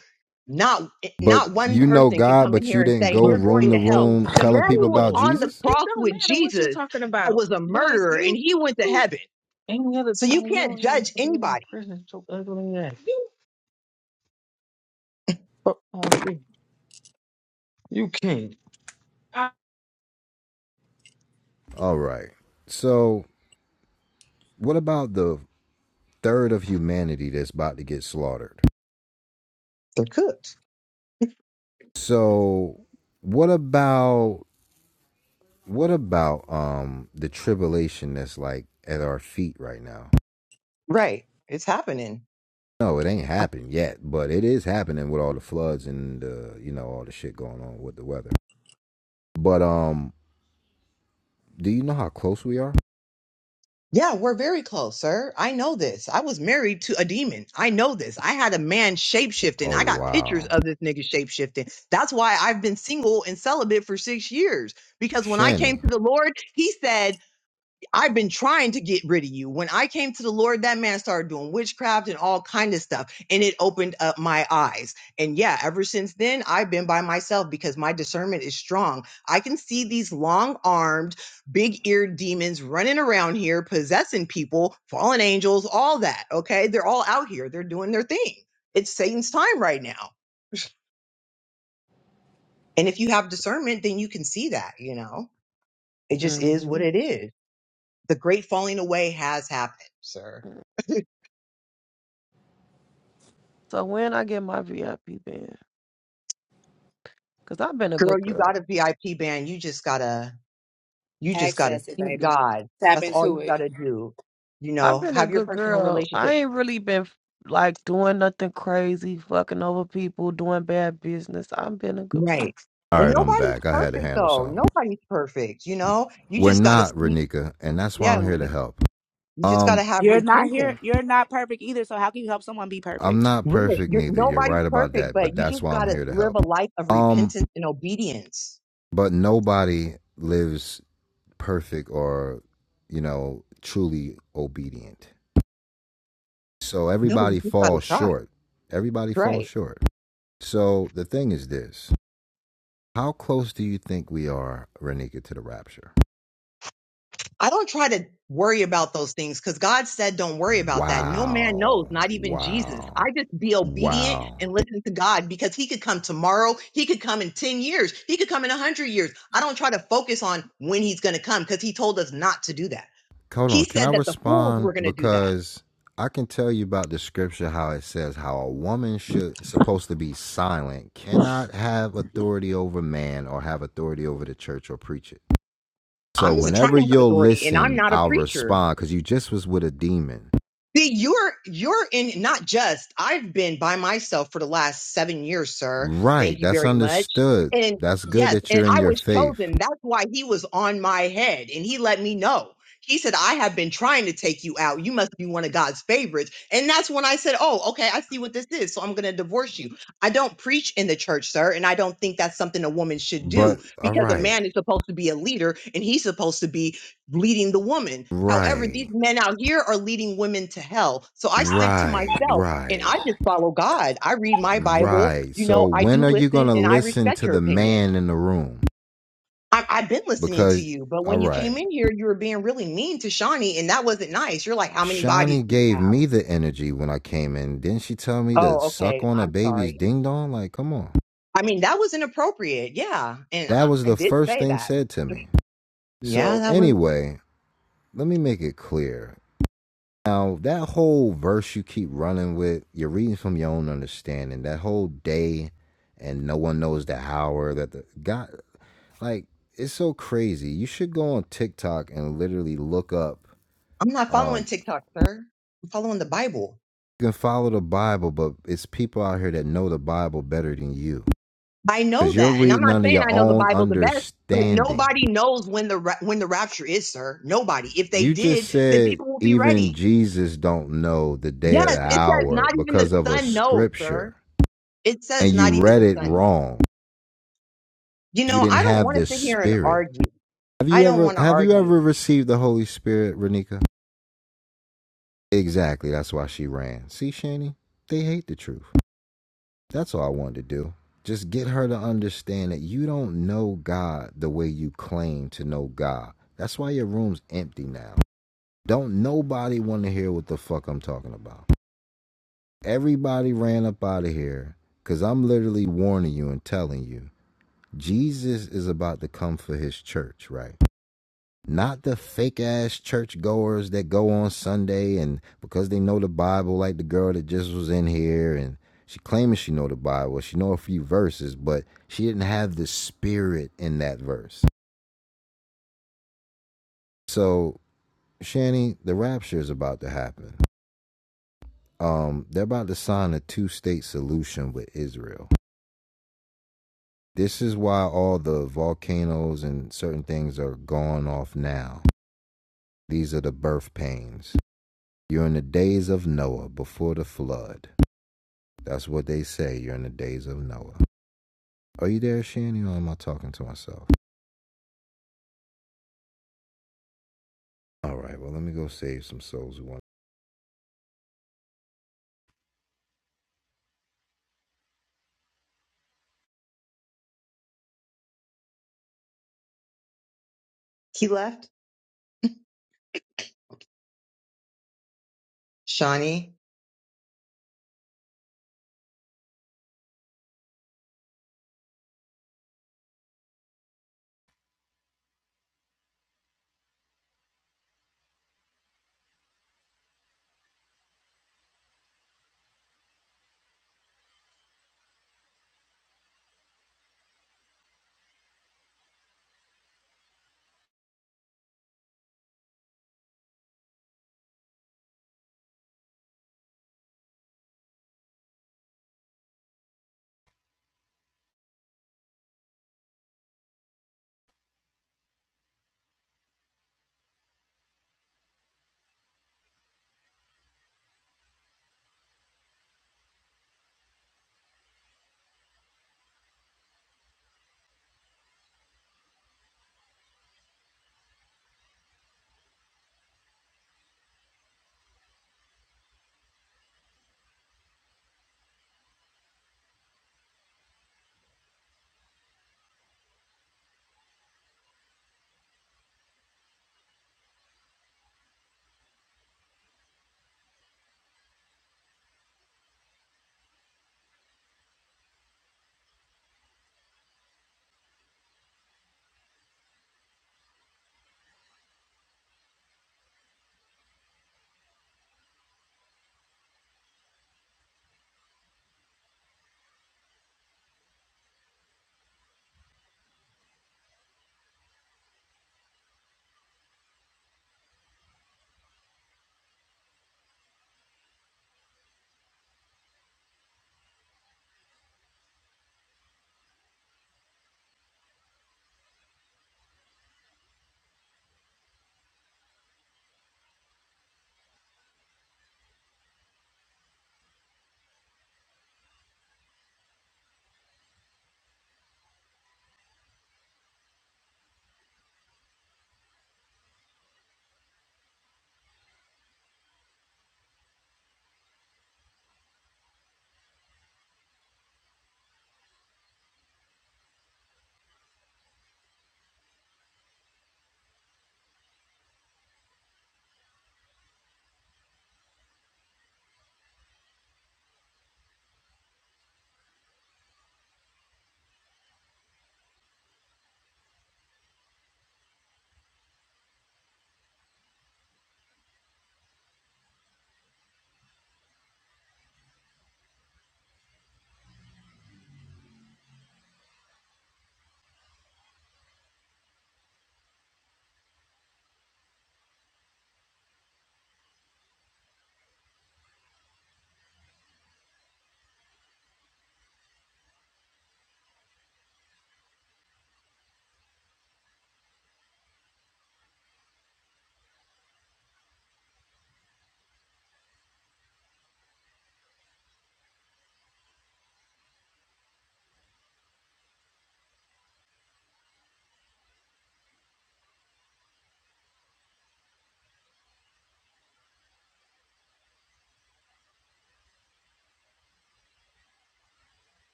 A: not
G: but
A: not one
G: you know
A: person can
G: God,
A: come in
G: but you
A: here and
G: didn't
A: say
G: go
A: you're
H: Look,
G: room
A: going
H: look,
G: to
A: to
H: look what
A: hell.
H: we
G: room
H: talking
A: The
H: about. We
G: telling
A: man
H: talking
G: people
H: about
A: who
H: the
A: was
G: about
H: Lord.
A: on the
G: Jesus?
H: It
A: cross
H: don't
A: with
H: matter what you
A: Jesus
H: talking about.
A: was a
H: But if
A: murderer,
H: you,
A: and he went to
H: you
A: heaven.
H: any other
A: So you
H: time you
A: can't
H: don't even
A: judge
H: have to be in my
A: anybody.
H: presence, your ugly ass. You fuck on tree. You king.
G: All right. So, what about the third of humanity that's about to get slaughtered?
A: They're cooked.
G: So, what about what about um the tribulation that's like at our feet right now?
A: Right. It's happening.
G: No, it ain't happened yet, but it is happening with all the floods and the you know all the shit going on with the weather. But um, do you know how close we are?
A: Yeah, we're very close, sir. I know this. I was married to a demon. I know this. I had a man shapeshifting.
G: Oh
A: I got pictures
G: wow,
A: of this nigga shapeshifting. That's why I've been single and celibate for six years. Because when I came
G: Shanny.
A: to the Lord, he said, I've been trying to get rid of you. When I came to the Lord, that man started doing witchcraft and all kind of stuff, and it opened up my eyes. And yeah, ever since then, I've been by myself because my discernment is strong. I can see these long-armed, big-eared demons running around here, possessing people, fallen angels, all that. Okay, they're all out here. They're doing their thing. It's Satan's time right now. And if you have discernment, then you can see that. You know, it just is
E: hmm
A: what it is. The great falling away has happened, sir.
E: So when I get my VIP band, cause I've been a
A: girl,
E: good
A: you
E: girl.
A: got a VIP band. You just gotta, you just gotta
B: Access it,
A: seek
B: baby.
A: God.
B: Tap
A: That's all
B: into
A: you
B: it.
A: gotta do. You
E: I've
A: know,
E: been a
A: have your
E: good
A: personal
E: girl. I
A: relationship.
E: ain't really been like doing nothing crazy, fucking over people, doing bad business. I've been a good
A: Right.
G: All
A: And
G: right, I'm
A: nobody's
G: back. I had to
A: perfect
G: handle
A: though.
G: something.
A: Nobody's perfect. You know, you
G: We're
A: just gotta
G: not
A: seek.
G: Renika, and that's why
A: Yeah.
G: I'm here to
A: You,
G: help.
A: you just gotta
G: Um,
A: have
B: you're not here.
A: repentance.
B: You're not perfect either. So how can you help someone be
G: I'm
B: perfect?
G: not
A: Right.
G: perfect
A: You're,
G: neither. You're
A: nobody's
G: right about
A: perfect,
G: that,
A: but
G: but
A: you
G: that's
A: just
G: why I'm
A: gotta
G: here to
A: live
G: help.
A: a life of
G: Um,
A: repentance and obedience.
G: but nobody lives perfect or, you know, truly obedient. So
A: No, you
G: everybody
A: just gotta
G: falls
A: try.
G: short. Everybody
A: Right.
G: falls short. So the thing is this how close do you think we are, Renika, to the rapture?
A: I don't try to worry about those things because God said, don't worry about that. No man knows,
G: Wow.
A: not even Jesus. I
G: Wow.
A: just be obedient
G: Wow.
A: and listen to God because He could come tomorrow. He could come in 10 years. He could come in 100 years. I don't try to focus on when He's going to come because He told us not to do that.
G: Hold on.
A: He
G: Can I
A: said that the fools were
G: respond?
A: going to do that.
G: Because I can tell you about the scripture how it says how a woman should supposed to be silent, cannot have authority over man or have authority over the church or preach it. So
A: I'm just trying
G: whenever
A: to have
G: you'll
A: authority and I'm
G: listen,
A: not a
G: I'll
A: preacher.
G: respond because you just was with a demon.
A: See, you're you're in not just. I've been by myself for the last seven years, sir. Thank
G: Right.
A: you
G: That's
A: very much.
G: understood.
A: And
G: That's good
A: yes,
G: that
A: and
G: you're in
A: I
G: your
A: was
G: faith.
A: chosen. That's why he was on my head, and he let me know. He said, "I have been trying to take you out. You must be one of God's favorites." And that's when I said, "Oh, okay, I see what this is. So I'm going to divorce you." I don't preach in the church, sir, and I don't think that's something a woman should do
G: But all
A: because a
G: right.
A: man is supposed to be a leader and he's supposed to be leading the woman. However,
G: Right.
A: these men out here are leading women to hell. So I stick to
G: Right.
A: myself and I
G: Right.
A: just follow God. I read my Bible.
G: Right.
A: You
G: So
A: know, I
G: when
A: do
G: are you
A: listen
G: gonna
A: and I
G: listen
A: respect
G: to
A: your
G: the
A: opinion.
G: man in the room?
A: I, I've been listening to
G: Because,
A: you, but
G: all
A: when you came
G: right,
A: in here, you were being really mean to Shawnee and that wasn't nice. You're like, how many bodies
G: Shawnee
A: do you
G: gave
A: have?
G: me the energy when I came in. Didn't she tell me to
A: Oh,
G: suck
A: okay.
G: on a
A: I'm
G: baby's
A: sorry.
G: ding dong? Like, come on.
A: I mean, that was inappropriate. Yeah. And I,
G: That was
A: I
G: the
A: did
G: first
A: say
G: thing
A: that.
G: said to me.
A: Yeah,
G: So,
A: that was,
G: anyway, let me make it clear. Now, that whole verse you keep running with, you're reading from your own understanding. That whole day and no one knows the hour that the God, like, it's so crazy. You should go on TikTok and literally look up
A: I'm not
G: um,
A: following TikTok, sir. I'm following the Bible.
G: You can follow the Bible, but it's people out here that know the Bible better than you.
A: I know
G: Because you're
A: that, and I'm
G: reading
A: not
G: under
A: saying
G: your
A: I know the
G: own
A: Bible the best, but
G: understanding.
A: nobody knows when the ra- when the rapture is, sir. Nobody. If they
G: You just
A: did, then
G: said
A: people will be
G: even
A: ready.
G: Jesus don't know the day or
A: Yes,
G: the
A: it says
G: hour
A: not even the
G: because of a
A: sun knows, sir.
G: scripture
A: It
G: and
A: says
G: you
A: not even
G: read
A: the
G: it
A: sun. knows.
G: wrong.
A: You
G: You
A: know,
G: didn't
A: I don't
G: have
A: want to
G: this
A: sit here and
G: spirit.
A: argue.
G: Have
A: I
G: you
A: don't
G: ever
A: want to
G: have you ever
A: argue.
G: received the Holy Spirit, Renika? Exactly. That's why she ran. See, Shani, they hate the truth. That's all I wanted to do. Just get her to understand that you don't know God the way you claim to know God. That's why your room's empty now. Don't nobody want to hear what the fuck I'm talking about. Everybody ran up out of here because I'm literally warning you and telling you Jesus is about to come for his church, right? Not the fake ass churchgoers that go on Sunday and because they know the Bible, like the girl that just was in here and she claiming she know the Bible. She know a few verses, but she didn't have the spirit in that verse. So, Shanny, the rapture is about to happen. Um, they're about to sign a two-state solution with Israel. This is why all the volcanoes and certain things are going off now. These are the birth pains. You're in the days of Noah before the flood. That's what they say. You're in the days of Noah. Are you there, Shannon, or am I talking to myself? All right, well, let me go save some souls who want.
A: He left, Shawnee.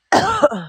E: person.